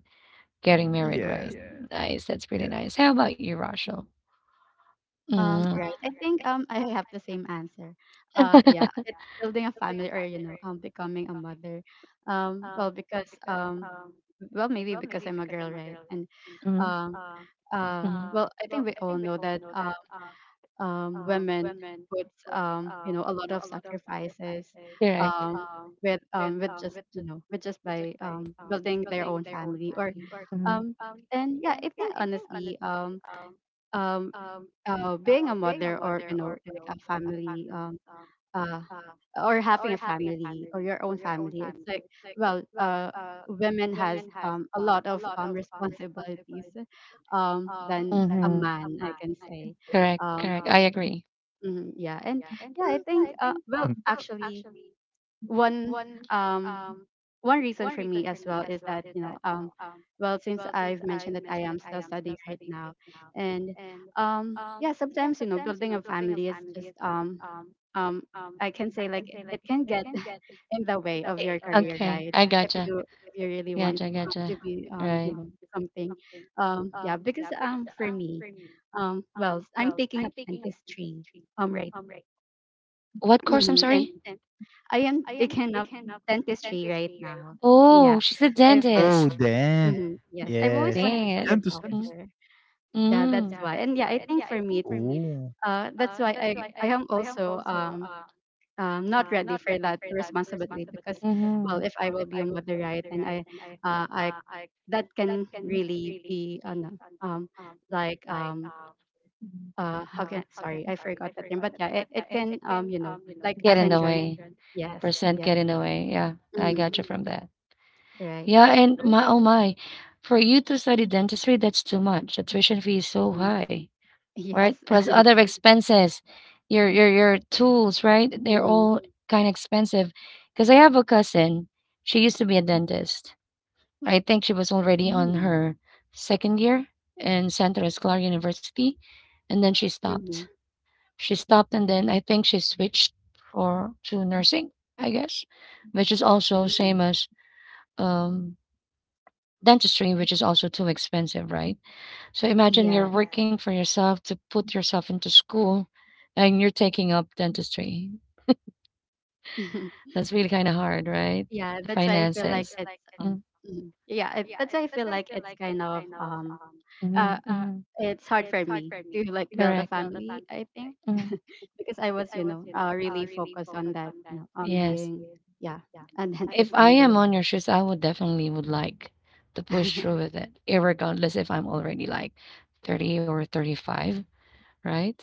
[SPEAKER 1] getting married,
[SPEAKER 2] Yes,
[SPEAKER 1] right? Nice, that's
[SPEAKER 2] yeah.
[SPEAKER 1] pretty nice. How about you, Rochelle? Mm.
[SPEAKER 3] Right. I think I have the same answer. Yeah, it's building a family, or, becoming a mother. Well because well maybe because I'm a girl, right? And
[SPEAKER 1] Hmm. Mm, mm.
[SPEAKER 3] um well I think we all know that women puts you know a lot of sacrifices
[SPEAKER 1] Correct.
[SPEAKER 3] um with just you know with just by building their own family or um
[SPEAKER 1] Mm-hmm.
[SPEAKER 3] and yeah I think honestly um being a mother or you know like a family uh or having a family or your own family it's like well uh women has a lot of responsibilities than a man I can say.
[SPEAKER 1] Correct.
[SPEAKER 3] um
[SPEAKER 1] Agree.
[SPEAKER 3] mhm, yeah, and
[SPEAKER 2] Mhm.
[SPEAKER 3] yeah I think well actually one um one reason for me as well is that you know well since I've mentioned that I am still studying right now. And yeah, sometimes you know building a family is just um I can say like it can get in the way of your career, right? If
[SPEAKER 1] Gotcha.
[SPEAKER 3] you if you really want to be you know something. Yeah, because for me, well I'm taking up dentistry, right?
[SPEAKER 1] What course? I'm.
[SPEAKER 3] Hmm. And I am taking up dentistry right now.
[SPEAKER 1] Oh,
[SPEAKER 3] Yeah,
[SPEAKER 1] she's a
[SPEAKER 3] I've.
[SPEAKER 2] Oh,
[SPEAKER 1] dentist.
[SPEAKER 2] then
[SPEAKER 3] Mm-hmm. Yes, I've always
[SPEAKER 2] yes,
[SPEAKER 3] wanted to
[SPEAKER 1] Careers.
[SPEAKER 3] be
[SPEAKER 1] It.
[SPEAKER 3] a
[SPEAKER 2] dentistry.
[SPEAKER 3] doctor. Yeah,
[SPEAKER 1] Mm. Mm.
[SPEAKER 3] that's why. And yeah, I
[SPEAKER 2] Oh.
[SPEAKER 3] think for me, it's that's why I am also not ready for that responsibility, because well, if I will be a mother, right, and I that can really be an like um how can, sorry I forgot that term, but yeah, it can you know like a
[SPEAKER 1] Get in the a
[SPEAKER 3] hindrance.
[SPEAKER 1] way.
[SPEAKER 3] Yes,
[SPEAKER 1] Percent
[SPEAKER 3] yes.
[SPEAKER 1] get in the way. Yeah, I
[SPEAKER 3] Mm,
[SPEAKER 1] got you from that.
[SPEAKER 3] right.
[SPEAKER 1] Yeah, and
[SPEAKER 3] So,
[SPEAKER 1] my oh my, for you to study dentistry, that's too much. The tuition fee is so
[SPEAKER 3] mhm.
[SPEAKER 1] high, right?
[SPEAKER 3] Yes.
[SPEAKER 1] Plus other expenses, your tools, right? They're all kind of expensive. Because I have a cousin, she used to be a dentist. I think she was already
[SPEAKER 3] Mm-hmm.
[SPEAKER 1] on
[SPEAKER 3] Mm-hmm.
[SPEAKER 1] her second year in Santa Cruz Clark University, and then she stopped and then I think she switched for to nursing, I guess, which is also same
[SPEAKER 3] Mm-hmm.
[SPEAKER 1] as um dentistry, which is also too expensive, right? So imagine you're
[SPEAKER 3] Yes.
[SPEAKER 1] working for yourself to put yourself into school and you're taking up dentistry. That's really kind of hard, right?
[SPEAKER 3] Yeah,
[SPEAKER 1] The
[SPEAKER 3] that's why I feel like
[SPEAKER 1] finances.
[SPEAKER 3] it's
[SPEAKER 1] Mm,
[SPEAKER 3] mhm. Yeah, that's why I feel like it's kind of uh
[SPEAKER 1] mhm, mhm.
[SPEAKER 3] it's hard for me to like build a
[SPEAKER 1] Correct.
[SPEAKER 3] family, I think.
[SPEAKER 1] Mm.
[SPEAKER 3] Because I was, you know, really focused on that, you know, on
[SPEAKER 1] Yes.
[SPEAKER 3] being yeah, and then
[SPEAKER 1] If I am
[SPEAKER 3] someday.
[SPEAKER 1] on your shoes, I would definitely would like to push through with it, irregardless if I'm already like 30 or 35, right?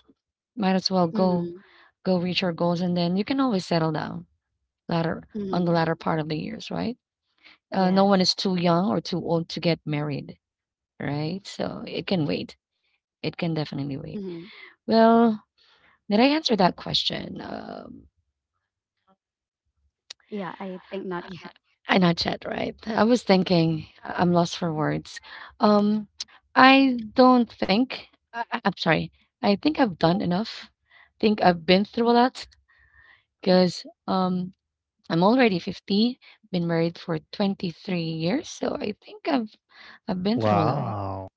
[SPEAKER 1] Might as well go
[SPEAKER 3] Mm-hmm.
[SPEAKER 1] go reach your goals and then you can always settle down latter on the
[SPEAKER 3] Mm-hmm.
[SPEAKER 1] latter part of the years, right? No one
[SPEAKER 3] Yes.
[SPEAKER 1] is too young or too old to get married, right? So it can wait. It can definitely wait.
[SPEAKER 3] Mm-hmm.
[SPEAKER 1] Well, did I answer that question?
[SPEAKER 3] Yeah, I think not yet.
[SPEAKER 1] I not yet, right? I was thinking. I'm lost for words. Um, I don't think. I'm sorry. I think I've done enough. Think I've been through a lot because I'm already 50. Been married for 23 years, so I think I've been through a lot.
[SPEAKER 2] Wow.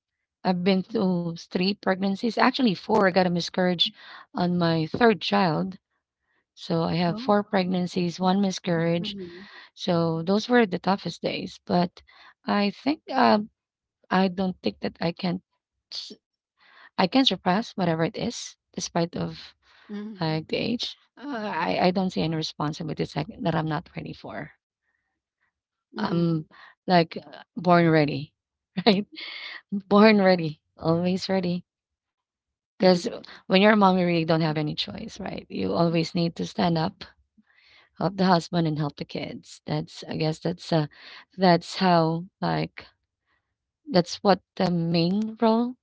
[SPEAKER 1] I've been through three pregnancies, actually four. I got a miscarriage on my third child. So I have
[SPEAKER 3] Oh.
[SPEAKER 1] four pregnancies, one miscarriage.
[SPEAKER 3] Mm-hmm.
[SPEAKER 1] So those were the toughest days, but I think I don't think that s- I can surpass whatever it is, despite of
[SPEAKER 3] Mm-hmm.
[SPEAKER 1] like the age. I don't see any responsibilities that I'm not ready for.
[SPEAKER 3] Mm-hmm.
[SPEAKER 1] I'm like born ready, right? Born ready, always ready. Because when you're a mom, you really don't have any choice, right? You always need to stand up, help the husband, and help the kids. That's how like. That's what the main role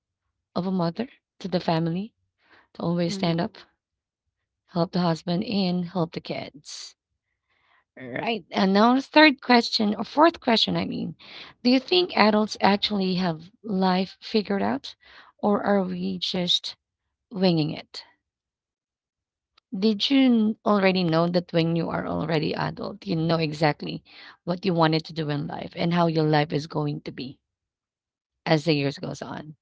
[SPEAKER 1] of a mother to the family to always stand
[SPEAKER 3] Mm-hmm.
[SPEAKER 1] up, help the husband, and help the kids. Right. And now, the third question, or fourth question, I mean, do you think adults actually have life figured out, or are we just winging it? Did you already know that when you are already adult, you know exactly what you wanted to do in life and how your life is going to be as the years goes on?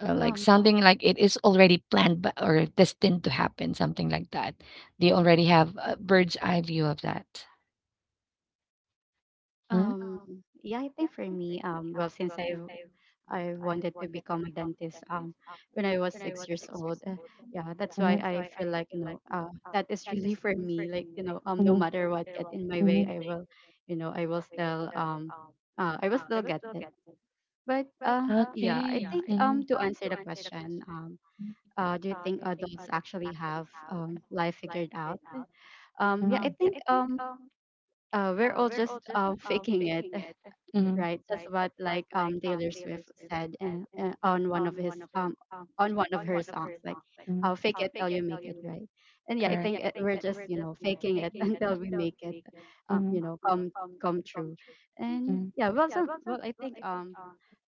[SPEAKER 1] Like
[SPEAKER 3] Um
[SPEAKER 1] something like it is already planned or destined to happen, something like that. They already have a bird's eye view of that. Hmm.
[SPEAKER 3] um yeah, I think for me, well since I've I wanted to become a dentist when I was 6 years old. Yeah, that's why I feel like you know that is really for me. Like you know no matter what get in my way, I will, you know I will still get it. But yeah,
[SPEAKER 1] Okay.
[SPEAKER 3] I think
[SPEAKER 1] Hmm.
[SPEAKER 3] to answer the question, do you think adults actually have life figured out?
[SPEAKER 1] Um.
[SPEAKER 3] Yeah, I think
[SPEAKER 1] Hmm.
[SPEAKER 3] we're all just faking it, you're
[SPEAKER 1] Hmm.
[SPEAKER 3] right. That's what like Taylor Swift said in on one of his on one of her songs, like
[SPEAKER 1] Mhm.
[SPEAKER 3] "Fake it till you make it," right? And yeah, I
[SPEAKER 1] Correct.
[SPEAKER 3] think it, we're just you know faking it until we make it, you know, come come true. And yeah, well, I think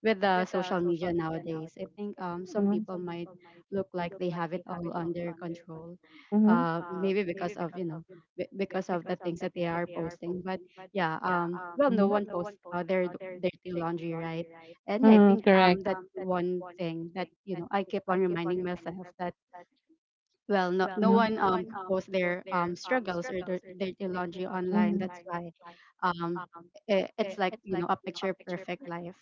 [SPEAKER 3] with the social media nowadays. I think some
[SPEAKER 1] Hmm.
[SPEAKER 3] people might look like they have it all under control, maybe because of you know because of the things that they are posting. But yeah, well, no
[SPEAKER 1] Mhm.
[SPEAKER 3] one posts dirty laundry, right? And yeah, I
[SPEAKER 1] Mm,
[SPEAKER 3] think
[SPEAKER 1] correct.
[SPEAKER 3] that's one thing that you know I keep on reminding myself, that well no, no one posts their struggles or their dirty laundry online, that's why um I it's like you know a picture perfect life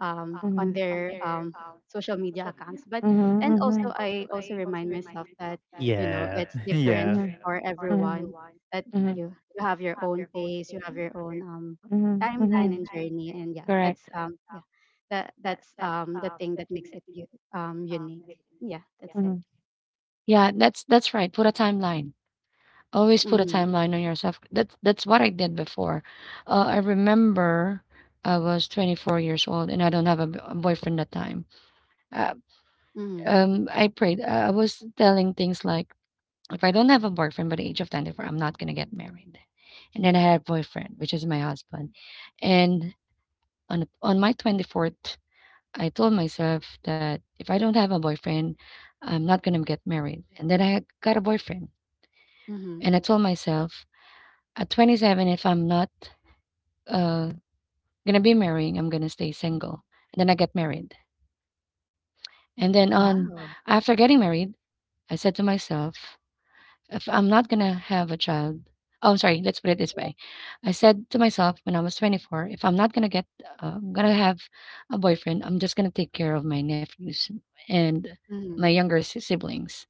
[SPEAKER 3] on their social media accounts. But
[SPEAKER 1] Social media.
[SPEAKER 3] and also
[SPEAKER 1] And
[SPEAKER 3] I
[SPEAKER 1] mm-hmm.
[SPEAKER 3] also
[SPEAKER 2] Yeah.
[SPEAKER 3] remind myself
[SPEAKER 2] Yeah.
[SPEAKER 3] that you know it's different for everyone, that you you have your own pace, you have your own
[SPEAKER 1] Mm-hmm.
[SPEAKER 3] timeline
[SPEAKER 1] Right?
[SPEAKER 3] and journey, and yeah
[SPEAKER 1] Correct.
[SPEAKER 3] that's yeah that that's the thing that makes it unique. Yeah, that's it.
[SPEAKER 1] Mm-hmm. Yeah, that's right. Put a timeline. Always put a
[SPEAKER 3] Mhm.
[SPEAKER 1] timeline on yourself. That's what I did before. I remember I was 24 years old and I don't have a boyfriend that time. Uh,
[SPEAKER 3] Mhm,
[SPEAKER 1] I prayed. I was telling things like, if I don't have a boyfriend by the age of 24, I'm not going to get married. And then I had a boyfriend, which is my husband. And on my 24th, I told myself that if I don't have a boyfriend, I'm not going to get married. And then I got a boyfriend.
[SPEAKER 3] mhm.
[SPEAKER 1] And I told myself at 27, if I'm not uh, going to be marrying, I'm going to stay single. And then I get married. And then on
[SPEAKER 3] Wow.
[SPEAKER 1] after getting married, I said to myself, if I'm not gonna have a child oh, sorry, let's put it this way. I said to myself when I was 24, if I'm not gonna get, gonna have a boyfriend, I'm just gonna take care of my nephews and my
[SPEAKER 3] Mhm,
[SPEAKER 1] younger siblings.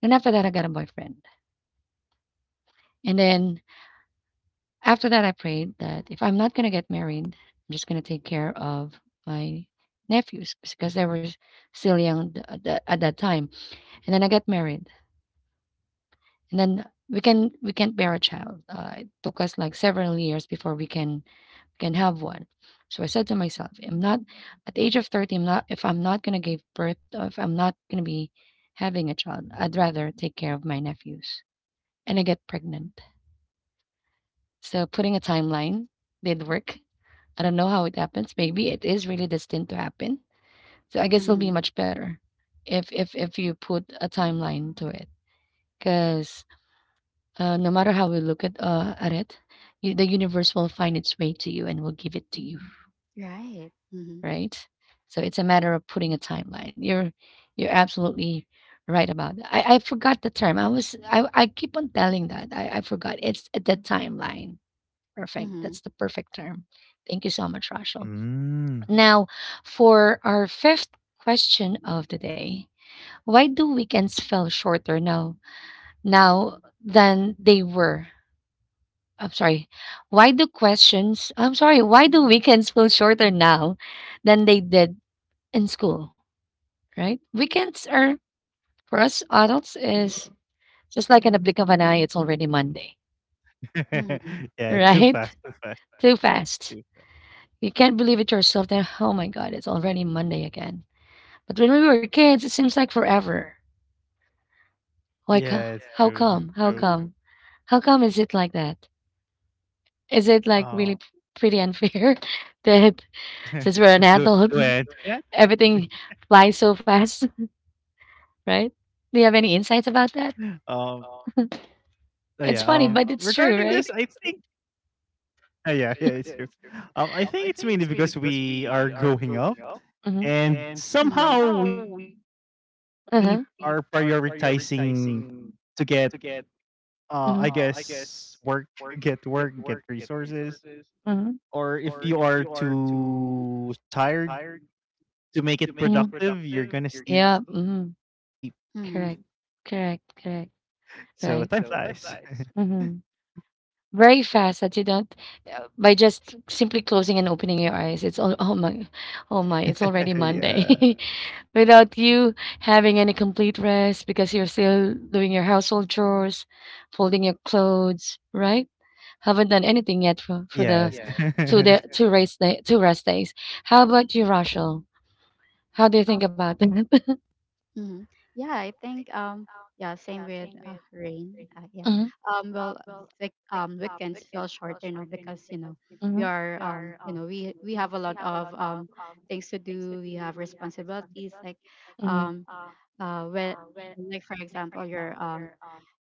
[SPEAKER 1] And after that, I got a boyfriend. And then after that, I prayed that if I'm not gonna get married, I'm just gonna take care of my nephews because they were still young at that time. And then I get married. And then we can't bear a child. It took us like several years before we can have one. So I said to myself, I'm not at the age of 30. I'm not if I'm not gonna give birth or if I'm not gonna be having a child, I'd rather take care of my nephews. And I get pregnant. So putting a timeline did work. I don't know how it happens. Maybe it is really destined to happen. So I guess it'll be
[SPEAKER 3] mhm.
[SPEAKER 1] much better if if you put a timeline to it. Because no matter how we look at it, you, the universe will find its way to you and will give it to you,
[SPEAKER 3] Right. Mhm,
[SPEAKER 1] right? So it's a matter of putting a timeline. You're absolutely right about that. I forgot the term. I was I keep on telling that. I forgot. It's the timeline. Perfect.
[SPEAKER 3] mhm,
[SPEAKER 1] That's the perfect term. Thank you so much, Rachel.
[SPEAKER 2] Mm.
[SPEAKER 1] Now, for our fifth question of the day, why do weekends feel shorter now than they were I'm sorry. Why do questions? I'm sorry. Why do weekends feel shorter now than they did in school? Right? Weekends are for us adults is just like in a blink of an eye. It's already Monday.
[SPEAKER 3] mhm,
[SPEAKER 2] Yeah, too fast,
[SPEAKER 1] Right?
[SPEAKER 2] too fast,
[SPEAKER 1] Too
[SPEAKER 2] too
[SPEAKER 1] fast.
[SPEAKER 2] fast.
[SPEAKER 1] You can't believe it yourself. That oh my god, it's already Monday again. But when we were kids, it seems like forever. Like
[SPEAKER 2] Yeah, it's
[SPEAKER 1] how
[SPEAKER 2] true, it's
[SPEAKER 1] come? How
[SPEAKER 2] true.
[SPEAKER 3] mhm,
[SPEAKER 1] come? How come is it like that? Is it like
[SPEAKER 2] Um,
[SPEAKER 1] really pretty unfair that since we're an
[SPEAKER 2] do do
[SPEAKER 1] adult,
[SPEAKER 2] I answer that?
[SPEAKER 1] everything flies so fast? Right? Do you have any insights
[SPEAKER 2] Um,
[SPEAKER 1] about that?
[SPEAKER 2] yeah,
[SPEAKER 1] It's fun,
[SPEAKER 2] regarding
[SPEAKER 1] it's
[SPEAKER 2] this, I
[SPEAKER 1] true.
[SPEAKER 2] think yeah, yeah, it's true. I think it's mainly because we are growing up
[SPEAKER 1] Mhm,
[SPEAKER 2] and
[SPEAKER 3] mhm,
[SPEAKER 2] somehow we are
[SPEAKER 1] uh-huh,
[SPEAKER 2] prioritizing to get, I
[SPEAKER 1] mhm.
[SPEAKER 2] guess, work, get work, get resources
[SPEAKER 1] Mhm,
[SPEAKER 2] or if you are too tired to make it
[SPEAKER 1] mhm.
[SPEAKER 2] productive,
[SPEAKER 1] Gonna
[SPEAKER 2] you're gonna sleep.
[SPEAKER 1] yeah, mhm,
[SPEAKER 3] mhm,
[SPEAKER 1] correct, mhm. Correct,
[SPEAKER 2] So
[SPEAKER 1] correct,
[SPEAKER 2] time flies.
[SPEAKER 1] right. Mhm. Very fast that you don't by just simply closing and opening your eyes. It's all, oh my, oh my, it's already
[SPEAKER 2] Yeah.
[SPEAKER 1] Monday. Without you having any complete rest because you're still doing your household chores, folding your clothes, right? Haven't done anything yet for the
[SPEAKER 2] Yes.
[SPEAKER 1] two
[SPEAKER 3] mhm.
[SPEAKER 1] the two race day two rest days. How about you, Rachel? How do you
[SPEAKER 3] Um,
[SPEAKER 1] think about that?
[SPEAKER 3] mhm. Yeah, I think yeah, same with rain. Yeah.
[SPEAKER 1] Hmm.
[SPEAKER 3] Well, like weekends feel short, you know, because you know we
[SPEAKER 1] Hmm.
[SPEAKER 3] are you know, we have a lot of things to do. We have responsibilities like
[SPEAKER 1] Hmm.
[SPEAKER 3] um when like for example, your um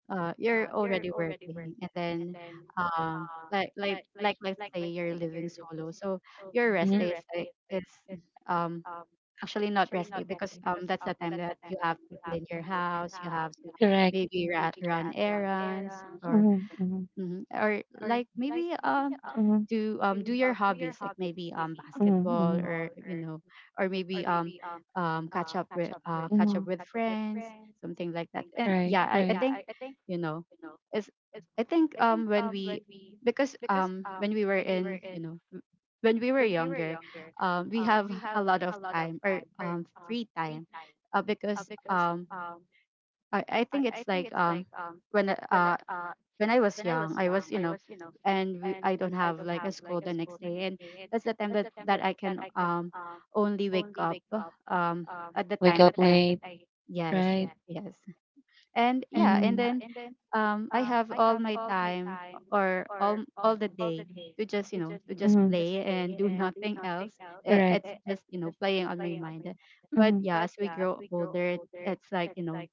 [SPEAKER 3] uh you're already working, and then like let's say you're living solo, so your rest
[SPEAKER 1] Hmm.
[SPEAKER 3] day is like is um actually not rest day, because that's the time that you have to clean your house, you have to
[SPEAKER 1] Correct.
[SPEAKER 3] maybe run errands or
[SPEAKER 1] Hmm.
[SPEAKER 3] hmm, or like maybe
[SPEAKER 1] Mm-hmm.
[SPEAKER 3] to do your hobbies like maybe basketball
[SPEAKER 1] Mm-hmm.
[SPEAKER 3] or you know, or maybe catch up with friends, something like that. And yeah I think you know it's I think when we because when we were in you know when we were younger we have a lot of time or free time, because I think it's like when uh when I was young, I was, you know, and we, I don't have like a school the next day, and that's the time that that I can only wake up um at the time that I yes
[SPEAKER 1] I.
[SPEAKER 3] yes and yeah and then I have all my time or all the day to just you know to just play and do nothing else. I-
[SPEAKER 1] Correct.
[SPEAKER 3] It's just you know playing on my mind, but
[SPEAKER 1] Mm-hmm.
[SPEAKER 3] yeah,
[SPEAKER 1] Because
[SPEAKER 3] as we grow older, it's like you know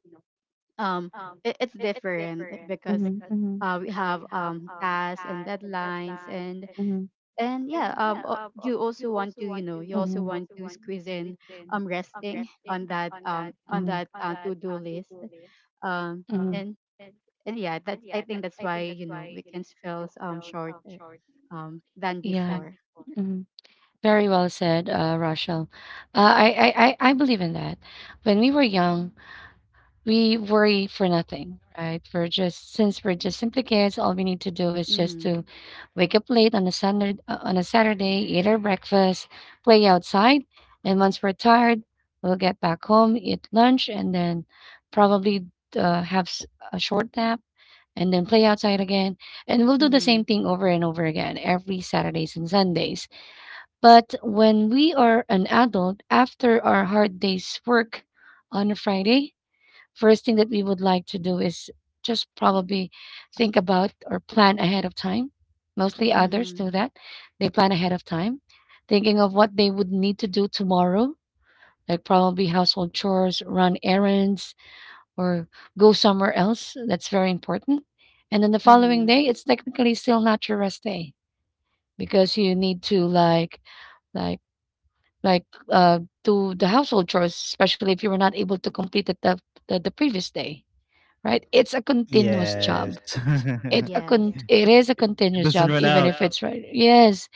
[SPEAKER 3] um it, it's different because
[SPEAKER 1] mm-hmm. Mm-hmm.
[SPEAKER 3] we have tasks and deadlines,
[SPEAKER 1] Mm-hmm.
[SPEAKER 3] and yeah you also want to you know you also want to squeeze in resting on that on that to do list um and and yeah that's I think that's why you know weekends feels
[SPEAKER 1] We.
[SPEAKER 3] shorter than
[SPEAKER 1] Yeah.
[SPEAKER 3] before.
[SPEAKER 1] Mhm. Very well said, Rochelle. I believe in that. When we were young, we worry for nothing, right? We're just since we're just simply kids, all we need to do is just
[SPEAKER 3] Mhm,
[SPEAKER 1] to wake up late on a Sunday, on a Saturday, eat our breakfast, play outside, and once we're tired, we'll get back home, eat lunch, and then probably uh, have s- a short nap and then play outside again. And we'll do the same
[SPEAKER 3] mhm,
[SPEAKER 1] thing over and over again every Saturdays and Sundays. But when we are an adult, after our hard day's work on a Friday, first thing that we would like to do is just probably think about or plan ahead of time. Mostly others
[SPEAKER 3] mhm,
[SPEAKER 1] do that. They plan ahead of time, thinking of what they would need to do tomorrow, like probably household chores, run errands, or go somewhere else. That's very important. And then the following
[SPEAKER 3] mhm,
[SPEAKER 1] day, it's technically still not your rest day because you need to like do the household chores, especially if you were not able to complete it the previous day, right? It's a continuous
[SPEAKER 2] Yes.
[SPEAKER 1] it a
[SPEAKER 3] yes,
[SPEAKER 1] con- it is a
[SPEAKER 2] It
[SPEAKER 1] continuous job,
[SPEAKER 2] doesn't run out.
[SPEAKER 1] right. Yes,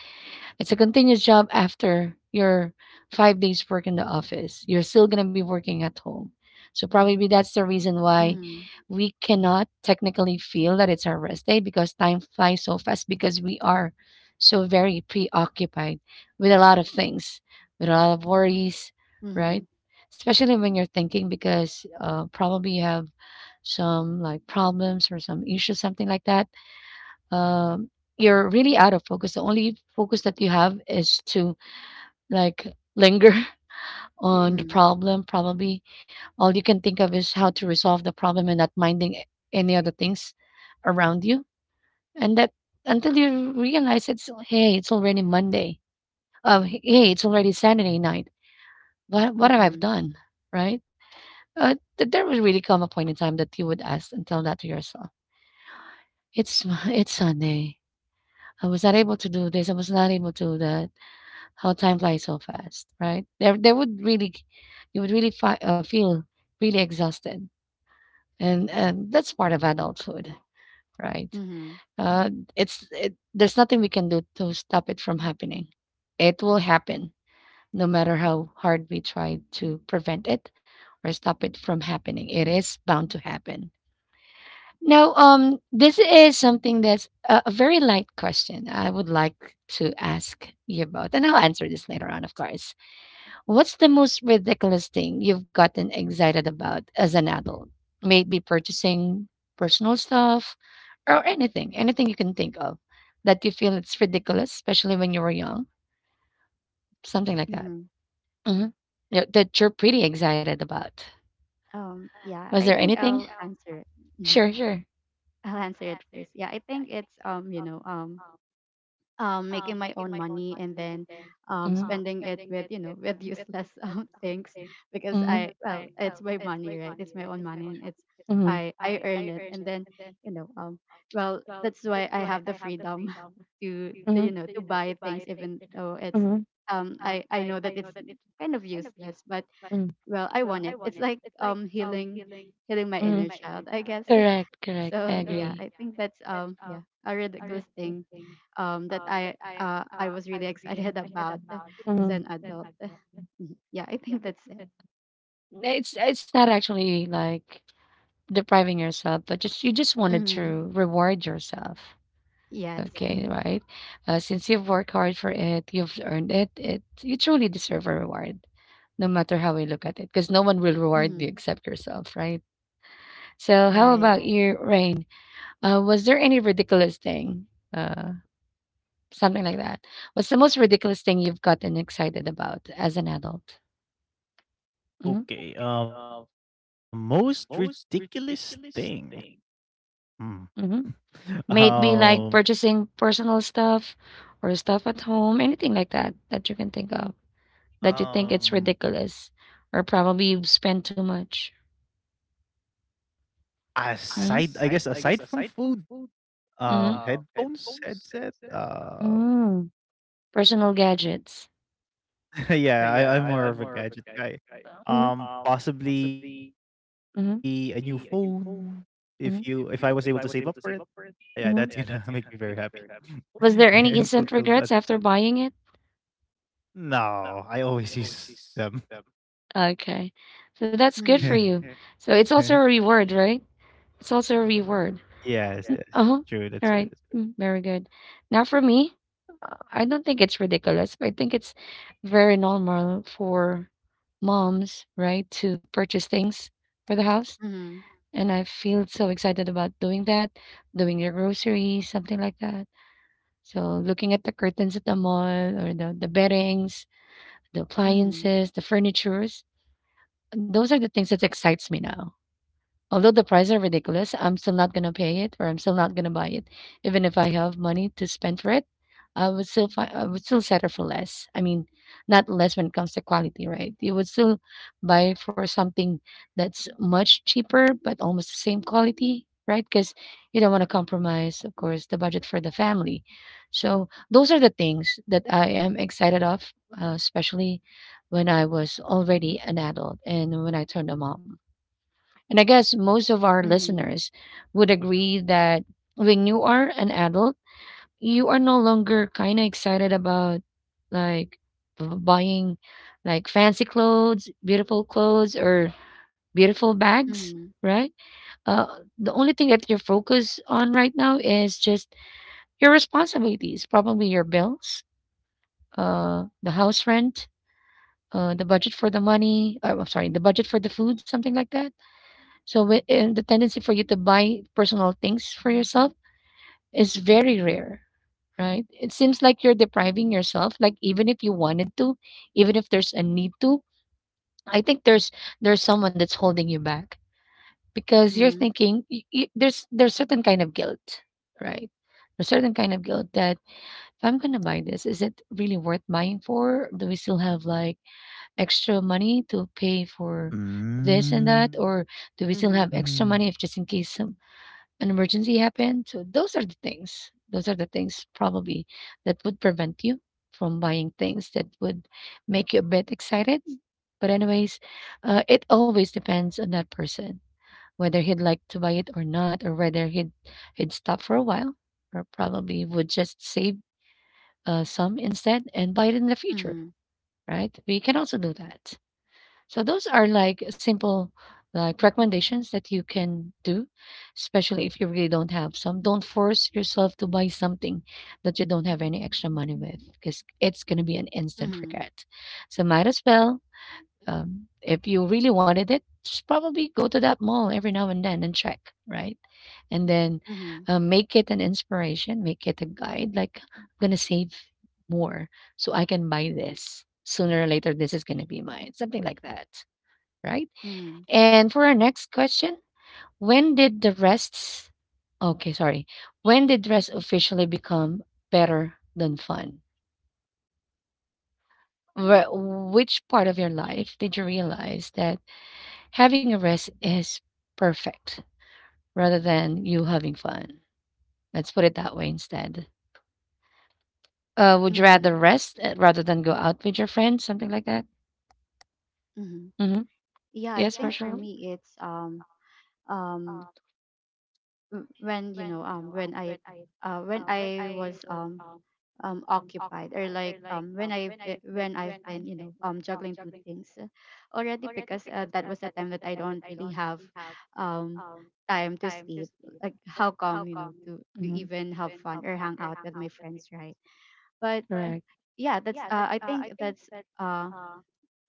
[SPEAKER 1] it's a continuous job after your 5 days work in the office. You're still gonna be working at home. So probably that's the reason why
[SPEAKER 3] mhm,
[SPEAKER 1] we cannot technically feel that it's our rest day because time flies so fast because we are so very preoccupied with a lot of things, with a lot of worries, right?
[SPEAKER 3] mhm,
[SPEAKER 1] Especially when you're thinking because probably you have some like problems or some issues, something like that. Um, you're really out of focus. The only focus that you have is to like linger on the
[SPEAKER 3] mhm,
[SPEAKER 1] problem, probably. All you can think of is how to resolve the problem and not minding any other things around you. And that until you realize it's, hey, it's already Monday. Hey, it's already Saturday night. What have I
[SPEAKER 3] mhm,
[SPEAKER 1] done? Right? There would really come a point in time that you would ask and tell that to yourself. It's It's Sunday. I was not able to do this. I was not able to do that. How time flies so fast, right? There would really, you would really feel really exhausted and that's part of adulthood, right?
[SPEAKER 3] mhm,
[SPEAKER 1] Uh, there's nothing we can do to stop it from happening. It will happen, no matter how hard we try to prevent it or stop it from happening. It is bound to happen. Now, this is something that's a very light question. I would like to ask you about, and I'll answer this later on, of course. What's the most ridiculous thing you've gotten excited about as an adult? Maybe purchasing personal stuff, or anything you can think of that you feel it's ridiculous, especially when you were young, something like that.
[SPEAKER 3] mhm.
[SPEAKER 1] Hmm. Yeah, that you're pretty excited about.
[SPEAKER 3] Yeah,
[SPEAKER 1] Was
[SPEAKER 3] I
[SPEAKER 1] there any?
[SPEAKER 3] think I'll answer it. Mhm.
[SPEAKER 1] Sure, sure.
[SPEAKER 3] I'll answer it first. Yeah, I think it's you know, making my own money, and then
[SPEAKER 1] Hmm,
[SPEAKER 3] spending it with you know with useless things, because
[SPEAKER 1] hmm,
[SPEAKER 3] I well, it's my money, right? It's my own money, and it's
[SPEAKER 1] hmm,
[SPEAKER 3] I earned it, and then you know well, that's why I have the freedom to, to you know to buy things,
[SPEAKER 1] are,
[SPEAKER 3] even though it's
[SPEAKER 1] hmm,
[SPEAKER 3] I know that it's kind of useless, but
[SPEAKER 1] hmm.
[SPEAKER 3] well I want it, it's like healing my inner child I guess.
[SPEAKER 1] Correct, correct.
[SPEAKER 3] So
[SPEAKER 1] I
[SPEAKER 3] yeah I
[SPEAKER 1] so.
[SPEAKER 3] think that's yeah a ridiculous thing that I was really excited about as an adult. Mhm. Yeah, I think that's it.
[SPEAKER 1] It's not actually like depriving yourself, but just you just wanted
[SPEAKER 3] Mm-hmm.
[SPEAKER 1] to reward yourself.
[SPEAKER 3] Yes.
[SPEAKER 1] Okay,
[SPEAKER 3] Mm-hmm.
[SPEAKER 1] right? Since you've worked hard for it, you've earned it. You truly deserve a reward, no matter how we look at it, because no one will reward you
[SPEAKER 3] Mm-hmm.
[SPEAKER 1] except yourself, right? So, how
[SPEAKER 3] Right.
[SPEAKER 1] about you, Rain? Was there any ridiculous thing, uh, something like that? What's the most ridiculous thing you've gotten excited about as an adult? Mm-hmm.
[SPEAKER 2] Okay. Most ridiculous thing.
[SPEAKER 1] Mm-hmm.
[SPEAKER 2] Hmm.
[SPEAKER 1] Maybe like purchasing
[SPEAKER 2] Um.
[SPEAKER 1] personal stuff or stuff at home, anything like that that you can think of, that you think it's, oh, ridiculous,
[SPEAKER 2] Um.
[SPEAKER 1] or probably you've spent too much.
[SPEAKER 2] Aside, I
[SPEAKER 1] Hmm?
[SPEAKER 2] guess aside from food,
[SPEAKER 1] Mhm.
[SPEAKER 2] headphones, headset.
[SPEAKER 1] Mm, personal gadgets.
[SPEAKER 2] Yeah, I'm more of a gadget
[SPEAKER 1] Mhm,
[SPEAKER 2] guy.
[SPEAKER 1] mhm,
[SPEAKER 2] Possibly a new phone.
[SPEAKER 1] mhm,
[SPEAKER 2] If I was able to save up for it,
[SPEAKER 1] mhm.
[SPEAKER 2] yeah, that's gonna make me very
[SPEAKER 1] Was
[SPEAKER 2] happy.
[SPEAKER 1] there any instant regrets
[SPEAKER 2] And
[SPEAKER 1] after
[SPEAKER 2] fulfill
[SPEAKER 1] buying it?
[SPEAKER 2] that. No, I always use them.
[SPEAKER 1] Okay. So that's good
[SPEAKER 3] Mm-hmm.
[SPEAKER 1] for you. So it's also a
[SPEAKER 2] Yes,
[SPEAKER 1] reward, right? It's also a reward.
[SPEAKER 2] yes,
[SPEAKER 1] Uh-huh. All right.
[SPEAKER 2] true. That's
[SPEAKER 1] Mm,
[SPEAKER 2] true.
[SPEAKER 1] very
[SPEAKER 2] That's
[SPEAKER 1] good. Now for me, I don't think it's ridiculous. I think it's very normal for moms, right, to purchase things for the house. And I feel so excited about doing that, doing your groceries, something like that. So looking at the curtains at the mall or the beddings, the
[SPEAKER 3] Mm-hmm.
[SPEAKER 1] appliances, the furnitures, those are the things that excites me now. Although the prices are ridiculous, I'm still not gonna pay it, or I'm still not gonna buy it, even if I have money to spend for it. I would still settle for less. I mean, not less when it comes to quality, right? You would still buy for something that's much cheaper but almost the same quality, right? Because you don't want to compromise, of course, the budget for the family. So those are the things that I am excited of, especially when I was already an adult and when I turned a mom. And I guess most of our
[SPEAKER 3] Mm-hmm.
[SPEAKER 1] listeners would agree that when you are an adult, you are no longer kind of excited about like buying like fancy clothes, beautiful clothes, or beautiful bags,
[SPEAKER 3] Mm-hmm.
[SPEAKER 1] right? The only thing that you're focused on right now is just your responsibilities, probably your bills, the house rent, the budget for the money, I'm sorry, the budget for the food, something like that. So and the tendency for you to buy personal things for yourself is very rare, right? It seems like you're depriving yourself, like even if you wanted to, even if there's a need to, I think there's someone that's holding you back because you're
[SPEAKER 3] Mm-hmm.
[SPEAKER 1] thinking there's certain kind of guilt, right? There's certain kind of guilt that if I'm gonna buy this, is it really worth buying for? Do we still have like extra money to pay for this and that, or do we still
[SPEAKER 2] Mm.
[SPEAKER 1] have
[SPEAKER 3] Mm-hmm.
[SPEAKER 1] extra money if just in case an emergency happened. So those are the things. Those are the things probably that would prevent you from buying things that would make you a bit excited. But anyways, it always depends on that person whether he'd like to buy it or not, or whether he'd stop for a while, or probably would just save some instead and buy it in the future.
[SPEAKER 3] Mm-hmm.
[SPEAKER 1] Right? We can also do that. So those are like simple like recommendations that you can do, especially if you really don't have some. Don't force yourself to buy something that you don't have any extra money with because it's going to be an instant
[SPEAKER 3] Mm-hmm.
[SPEAKER 1] regret. So might as well, if you really wanted it, just probably go to that mall every now and then and check, right? And then
[SPEAKER 3] Mm-hmm. Mm-hmm.
[SPEAKER 1] make it an inspiration, make it a guide. Like I'm gonna save more so I can buy this sooner or later. This is gonna be mine, something like that, right?
[SPEAKER 3] Mm-hmm.
[SPEAKER 1] And for our next question, when did the rests, okay, sorry. When did rest officially become better than fun? Wh- which part of your life did you realize that having a rest is perfect rather than you having fun? Let's put it that way instead. Would you
[SPEAKER 3] Mm-hmm.
[SPEAKER 1] rather rest, rather than go out with your friends, something like that?
[SPEAKER 3] Mm-hmm.
[SPEAKER 1] Mm-hmm.
[SPEAKER 3] Yeah, I
[SPEAKER 1] Yes,
[SPEAKER 3] think for
[SPEAKER 1] Rachel?
[SPEAKER 3] me it's um when you know when I when I was occupied, or like when I when I've been you know juggling two things already, because that was a time that I don't really have um time to sleep, like how come you know to
[SPEAKER 1] Mm-hmm.
[SPEAKER 3] even have fun or hang out with my friends, right? But
[SPEAKER 1] Correct.
[SPEAKER 3] yeah that's I think uh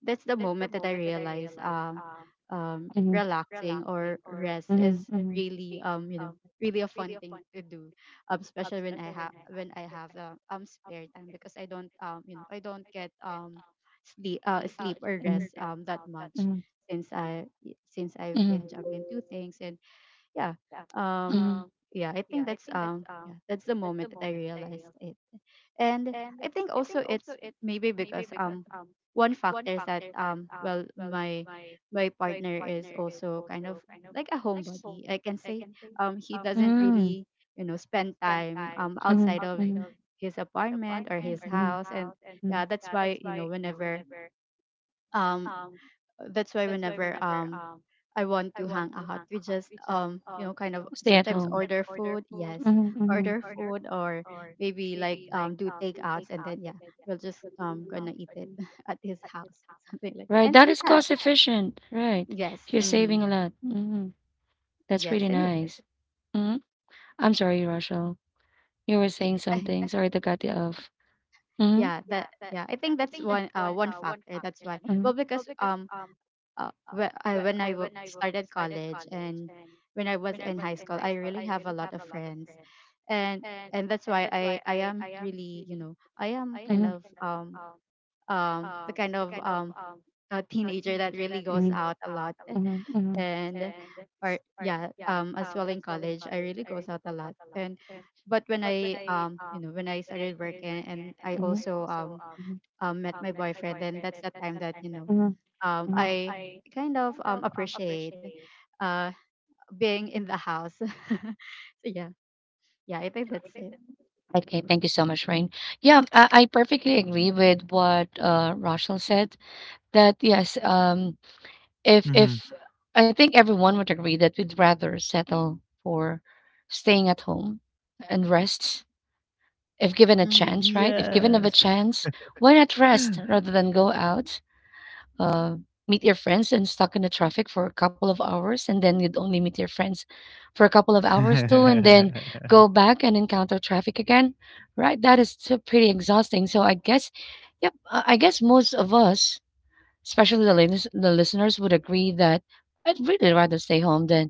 [SPEAKER 3] that's the moment that I realized
[SPEAKER 1] Mm-hmm.
[SPEAKER 3] relaxing or rest is
[SPEAKER 1] Mm-hmm.
[SPEAKER 3] really you know really a fun thing to do, especially when I have spare time, because I don't you know I don't get sleep or rest that much,
[SPEAKER 1] Mm-hmm.
[SPEAKER 3] since I since I've
[SPEAKER 1] Mhm.
[SPEAKER 3] been juggling two things. And yeah um
[SPEAKER 1] I
[SPEAKER 3] yeah I think that's yeah that's the moment that I realized it. And I think also it's maybe because one factor is that well my partner is also kind of like a homebody I can say. He doesn't really you know spend time
[SPEAKER 1] sit. Mhm,
[SPEAKER 3] outside of his apartment or his
[SPEAKER 1] mm, mhm.
[SPEAKER 3] house, and
[SPEAKER 1] Mm.
[SPEAKER 3] yeah that's why you know whenever um that's why whenever I want to hang out. We just you know kind of
[SPEAKER 1] Stay at
[SPEAKER 3] sometimes
[SPEAKER 1] home.
[SPEAKER 3] order food, yes,
[SPEAKER 1] Mhm,
[SPEAKER 3] order
[SPEAKER 1] mhm.
[SPEAKER 3] food, or maybe like do takeouts, and then yeah we'll just gonna eat it at his house something like that.
[SPEAKER 1] Right,
[SPEAKER 3] And
[SPEAKER 1] that is
[SPEAKER 3] yeah,
[SPEAKER 1] cost efficient, right?
[SPEAKER 3] yes,
[SPEAKER 1] You're saving
[SPEAKER 3] mm-hmm,
[SPEAKER 1] a lot. Mhm. That's
[SPEAKER 3] yes,
[SPEAKER 1] really,
[SPEAKER 3] and
[SPEAKER 1] yes,
[SPEAKER 3] yeah,
[SPEAKER 1] nice. Mhm. I'm sorry, Rachel. You were saying
[SPEAKER 3] it-
[SPEAKER 1] something. Sorry to cut you off. Mhm.
[SPEAKER 3] yeah that yeah I think that's one one factor. That's why well
[SPEAKER 1] Mhm,
[SPEAKER 3] because I, when I started college, and when I was in high school, I really have a lot of friends, and and that's why I am really you know I am kind
[SPEAKER 1] mhm,
[SPEAKER 3] of the kind of a teenager that really goes
[SPEAKER 1] mhm,
[SPEAKER 3] out a lot,
[SPEAKER 1] mhm, mhm.
[SPEAKER 3] and or yeah as well in college I really goes out a lot. And but when I you know when I started working, and I
[SPEAKER 1] Mhm.
[SPEAKER 3] also
[SPEAKER 1] Mhm.
[SPEAKER 3] met my boyfriend, then that's the time that you know
[SPEAKER 1] Mhm. Mhm.
[SPEAKER 3] I kind of appreciate uh, being in the house. So yeah, yeah, I think that's it.
[SPEAKER 1] Okay, thank you so much, Rain. Yeah, I perfectly agree with what Rochelle said. That, yes, if
[SPEAKER 2] Mm-hmm.
[SPEAKER 1] if I think everyone would agree that we'd rather settle for staying at home and rest if given a
[SPEAKER 2] Yes.
[SPEAKER 3] Mm-hmm.
[SPEAKER 1] chance, right? If given of a chance, why not rest rather than go out? uh, Meet your friends and stuck in the traffic for a couple of hours, and then you'd only meet your friends for a couple of
[SPEAKER 2] Yeah.
[SPEAKER 1] hours too, and then go back and encounter traffic again, right? That is so pretty exhausting. So I guess, yep, I guess most of us, especially the listeners, would agree that I'd really rather stay home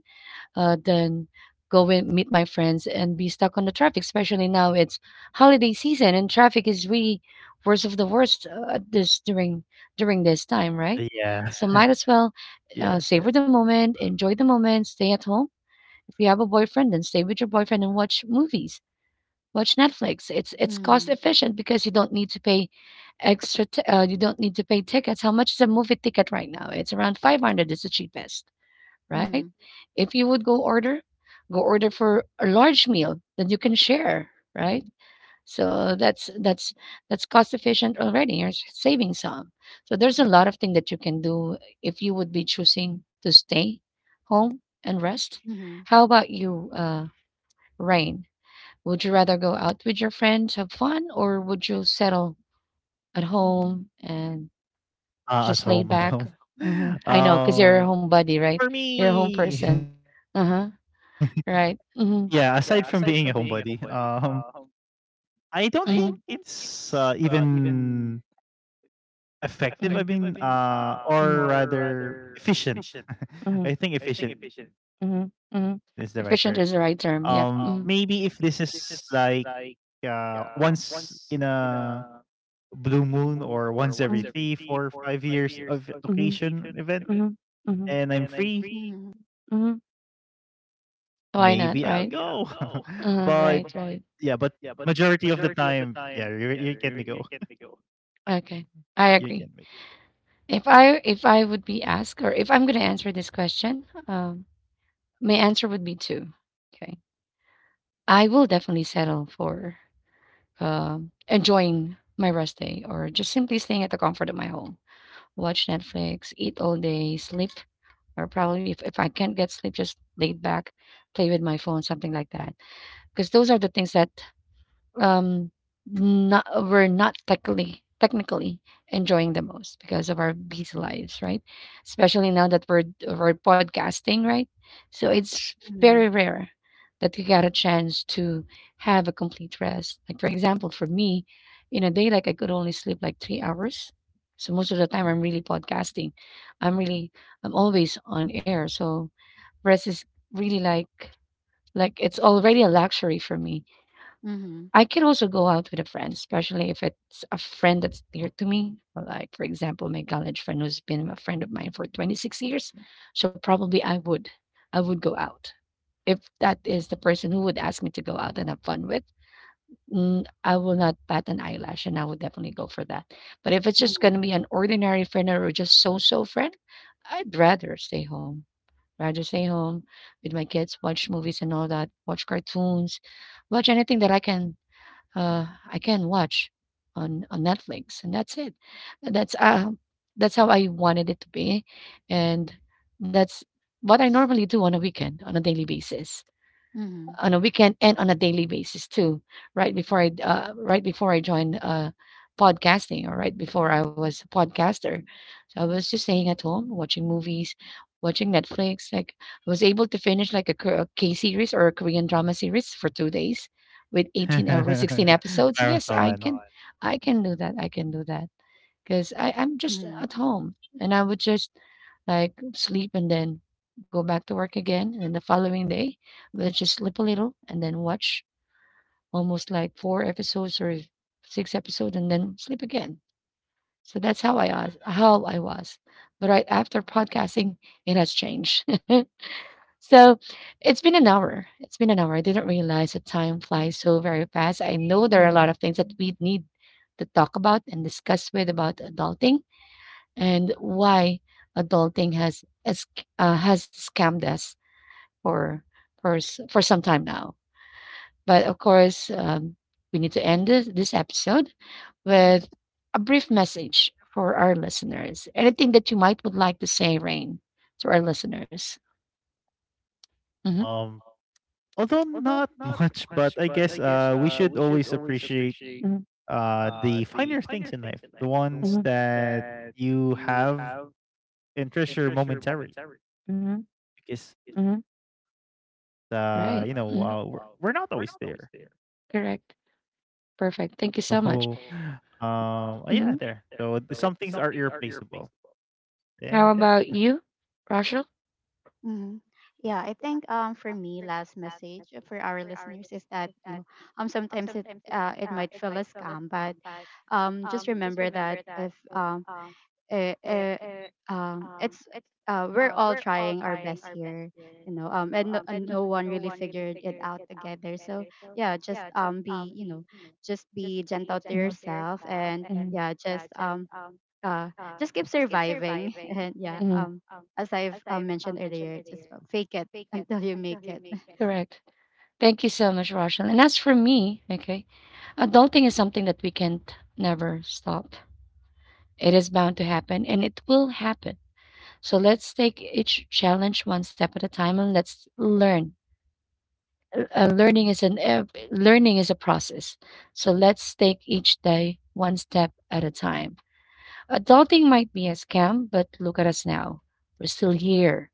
[SPEAKER 1] than go and meet my friends and be stuck on the traffic. Especially now it's holiday season and traffic is really worst of the worst, at this during this
[SPEAKER 2] Yes.
[SPEAKER 1] time, right? So, yeah, might as
[SPEAKER 2] Yes.
[SPEAKER 1] well savor the moment, enjoy the moment, stay at home. If you have a boyfriend, then stay with your boyfriend and watch movies. Watch Netflix. It's cost
[SPEAKER 3] Mm-hmm.
[SPEAKER 1] efficient because you don't need to pay extra. You don't need to pay tickets. How much is a movie ticket right now? It's around 500. It's the cheapest, right? If you would go order for a large meal that you can share, right? So that's cost efficient already. You're saving some. So there's a lot of things that you can do if you would be choosing to stay home and rest.
[SPEAKER 3] Mm-hmm.
[SPEAKER 1] How about you, Rain? Would you rather go out with your friends, have fun, or would you settle at home and
[SPEAKER 2] At home. At home.
[SPEAKER 1] just lay back?
[SPEAKER 2] Um.
[SPEAKER 1] Hmm. I know, because you're a
[SPEAKER 2] For
[SPEAKER 1] homebody, right? You're a
[SPEAKER 2] me,
[SPEAKER 1] home person. Uh
[SPEAKER 2] yeah,
[SPEAKER 1] huh.
[SPEAKER 2] aside from being a
[SPEAKER 1] Right.
[SPEAKER 2] homebody,
[SPEAKER 1] Mhm.
[SPEAKER 2] I don't think
[SPEAKER 1] Do.
[SPEAKER 2] it's
[SPEAKER 1] Mm-hmm.
[SPEAKER 2] even effective. I mean,
[SPEAKER 1] Mhm.
[SPEAKER 2] or
[SPEAKER 1] Mhm.
[SPEAKER 2] rather efficient.
[SPEAKER 1] Mhm.
[SPEAKER 2] I think efficient is the right word.
[SPEAKER 1] Mhm. Mhm. Efficient is
[SPEAKER 2] Maybe
[SPEAKER 1] the
[SPEAKER 2] if
[SPEAKER 1] right
[SPEAKER 2] this
[SPEAKER 1] term. Yep.
[SPEAKER 2] is
[SPEAKER 1] Mhm.
[SPEAKER 2] like once in a blue moon or once every three, four,
[SPEAKER 1] Mhm.
[SPEAKER 2] 5 years of
[SPEAKER 1] Mhm.
[SPEAKER 2] occasion event,
[SPEAKER 1] Mhm.
[SPEAKER 2] and
[SPEAKER 1] Mhm.
[SPEAKER 2] I'm free,
[SPEAKER 3] Mm-hmm.
[SPEAKER 1] Mhm.
[SPEAKER 2] maybe I'll go.
[SPEAKER 1] Why not, right?
[SPEAKER 2] But yeah, but
[SPEAKER 1] Right, right.
[SPEAKER 2] majority of the time, yeah, you can make go.
[SPEAKER 1] Okay. I
[SPEAKER 2] You can
[SPEAKER 1] agree.
[SPEAKER 2] make
[SPEAKER 1] If I would be asked or if I'm going to answer this question, my answer would be two. Okay. I will definitely settle for enjoying my rest day or just simply staying at the comfort of my home. Watch Netflix, eat all day, sleep, or probably if I can't get sleep, just laid back, play with my phone, something like that. Because those are the things that um not we're not technically enjoying the most because of our busy lives, right? Especially now that we're podcasting, right? So it's
[SPEAKER 3] Mm-hmm.
[SPEAKER 1] very rare that you get a chance to have a complete rest. Like, for example, for me, in a day, like, I could only sleep like 3 hours. So most of the time I'm really podcasting, I'm really, I'm always on air. So rest is really like, it's already a luxury for me.
[SPEAKER 3] Mm-hmm. Mm-hmm.
[SPEAKER 1] I can also go out with a friend, especially if it's a friend that's dear to me. Like, for example, my college friend who's been a friend of mine for 26 years. So probably I would go out. If that is the person who would ask me to go out and have fun with, I will not bat an eyelash and I would definitely go for that. But if it's just going
[SPEAKER 3] Mm-hmm.
[SPEAKER 1] to be an ordinary friend or just so-so friend, I'd rather stay home. Rather stay home with my kids, watch movies and all that, watch cartoons, watch anything that uh, I can watch on Netflix, and that's it. That's that's how I wanted it to be, and that's what I normally do on a weekend, on a daily basis,
[SPEAKER 3] Mm-hmm.
[SPEAKER 1] on a weekend and on a daily basis too. Right before I joined podcasting, or right before I was a podcaster, I was just staying at home, watching movies, watching Netflix. Like, I was able to finish like a K series or a Korean drama series for 2 days with 18 or 16 episodes. Yes,
[SPEAKER 2] marathon.
[SPEAKER 1] I can do that. I can do that because I'm just
[SPEAKER 3] Mm-hmm.
[SPEAKER 1] at home and I would just like sleep and then go back to work again. And then the following day, we'll just sleep a little and then watch almost like four episodes or six episodes and then sleep again. So that's how I was, how I was. But right after podcasting, it has changed. So it's been an hour. It's been an hour. I didn't realize that time flies so very fast. I know there are a
[SPEAKER 3] Mm-hmm.
[SPEAKER 1] lot of things that we need to talk about and discuss with about adulting and why adulting has scammed us for for some time now. But of course, we need to end this episode with a brief message for our listeners. Anything that you might would like to say, Rain, to our listeners? Hmm.
[SPEAKER 2] Um, although not much, but I guess we should always appreciate
[SPEAKER 1] Hmm.
[SPEAKER 2] the finer things in life, the ones
[SPEAKER 1] Hmm.
[SPEAKER 2] that you have and treasure momentarily,
[SPEAKER 1] Hmm.
[SPEAKER 2] because
[SPEAKER 1] Hmm.
[SPEAKER 2] we're not always
[SPEAKER 1] Right.
[SPEAKER 2] there.
[SPEAKER 1] Hmm. Correct. Perfect.
[SPEAKER 2] So
[SPEAKER 1] Thank you so much.
[SPEAKER 2] yeah, there.
[SPEAKER 1] Hmm.
[SPEAKER 2] So some things are irreplaceable, and there.
[SPEAKER 1] How And about yeah, you, Rachel?
[SPEAKER 3] Mm-hmm. Yeah, I think for me, last message for our listeners, is that you know sometimes it might feel a scam, but just remember that if eh, eh, it's we're all trying our best here, you know, and, and no one really figured it out together. So yeah, just be you know, just
[SPEAKER 1] Hmm.
[SPEAKER 3] be gentle to
[SPEAKER 1] Mhm.
[SPEAKER 3] yourself, and yeah,
[SPEAKER 1] Hmm.
[SPEAKER 3] uh, just keep surviving, and yeah,
[SPEAKER 1] Hmm.
[SPEAKER 3] as I've mentioned earlier, just fake it until you make it.
[SPEAKER 1] Correct. Thank you so much, Roshan. And as for me, okay, adulting is something that we can't never stop. It is bound to happen and it will happen. So let's take each challenge one step at a time and let's learn. Learning is learning is a process. So let's take each day one step at a time. Adulting might be a scam, but look at us now. We're still here,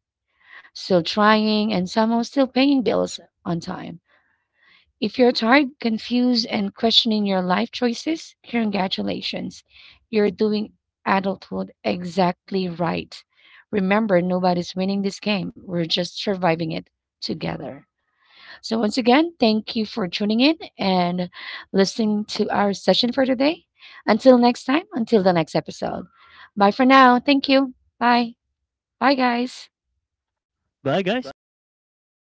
[SPEAKER 1] still trying, and somehow still paying bills on time. If you're tired, confused, and questioning your life choices, congratulations. You're doing adulthood exactly right. Remember, nobody's winning this game. We're just surviving it together. So, once again, thank you for tuning in and listening to our session for today. Until next time, until the next episode. Bye for now. Thank you. Bye. Bye, guys.
[SPEAKER 2] Bye guys, thanks for having us.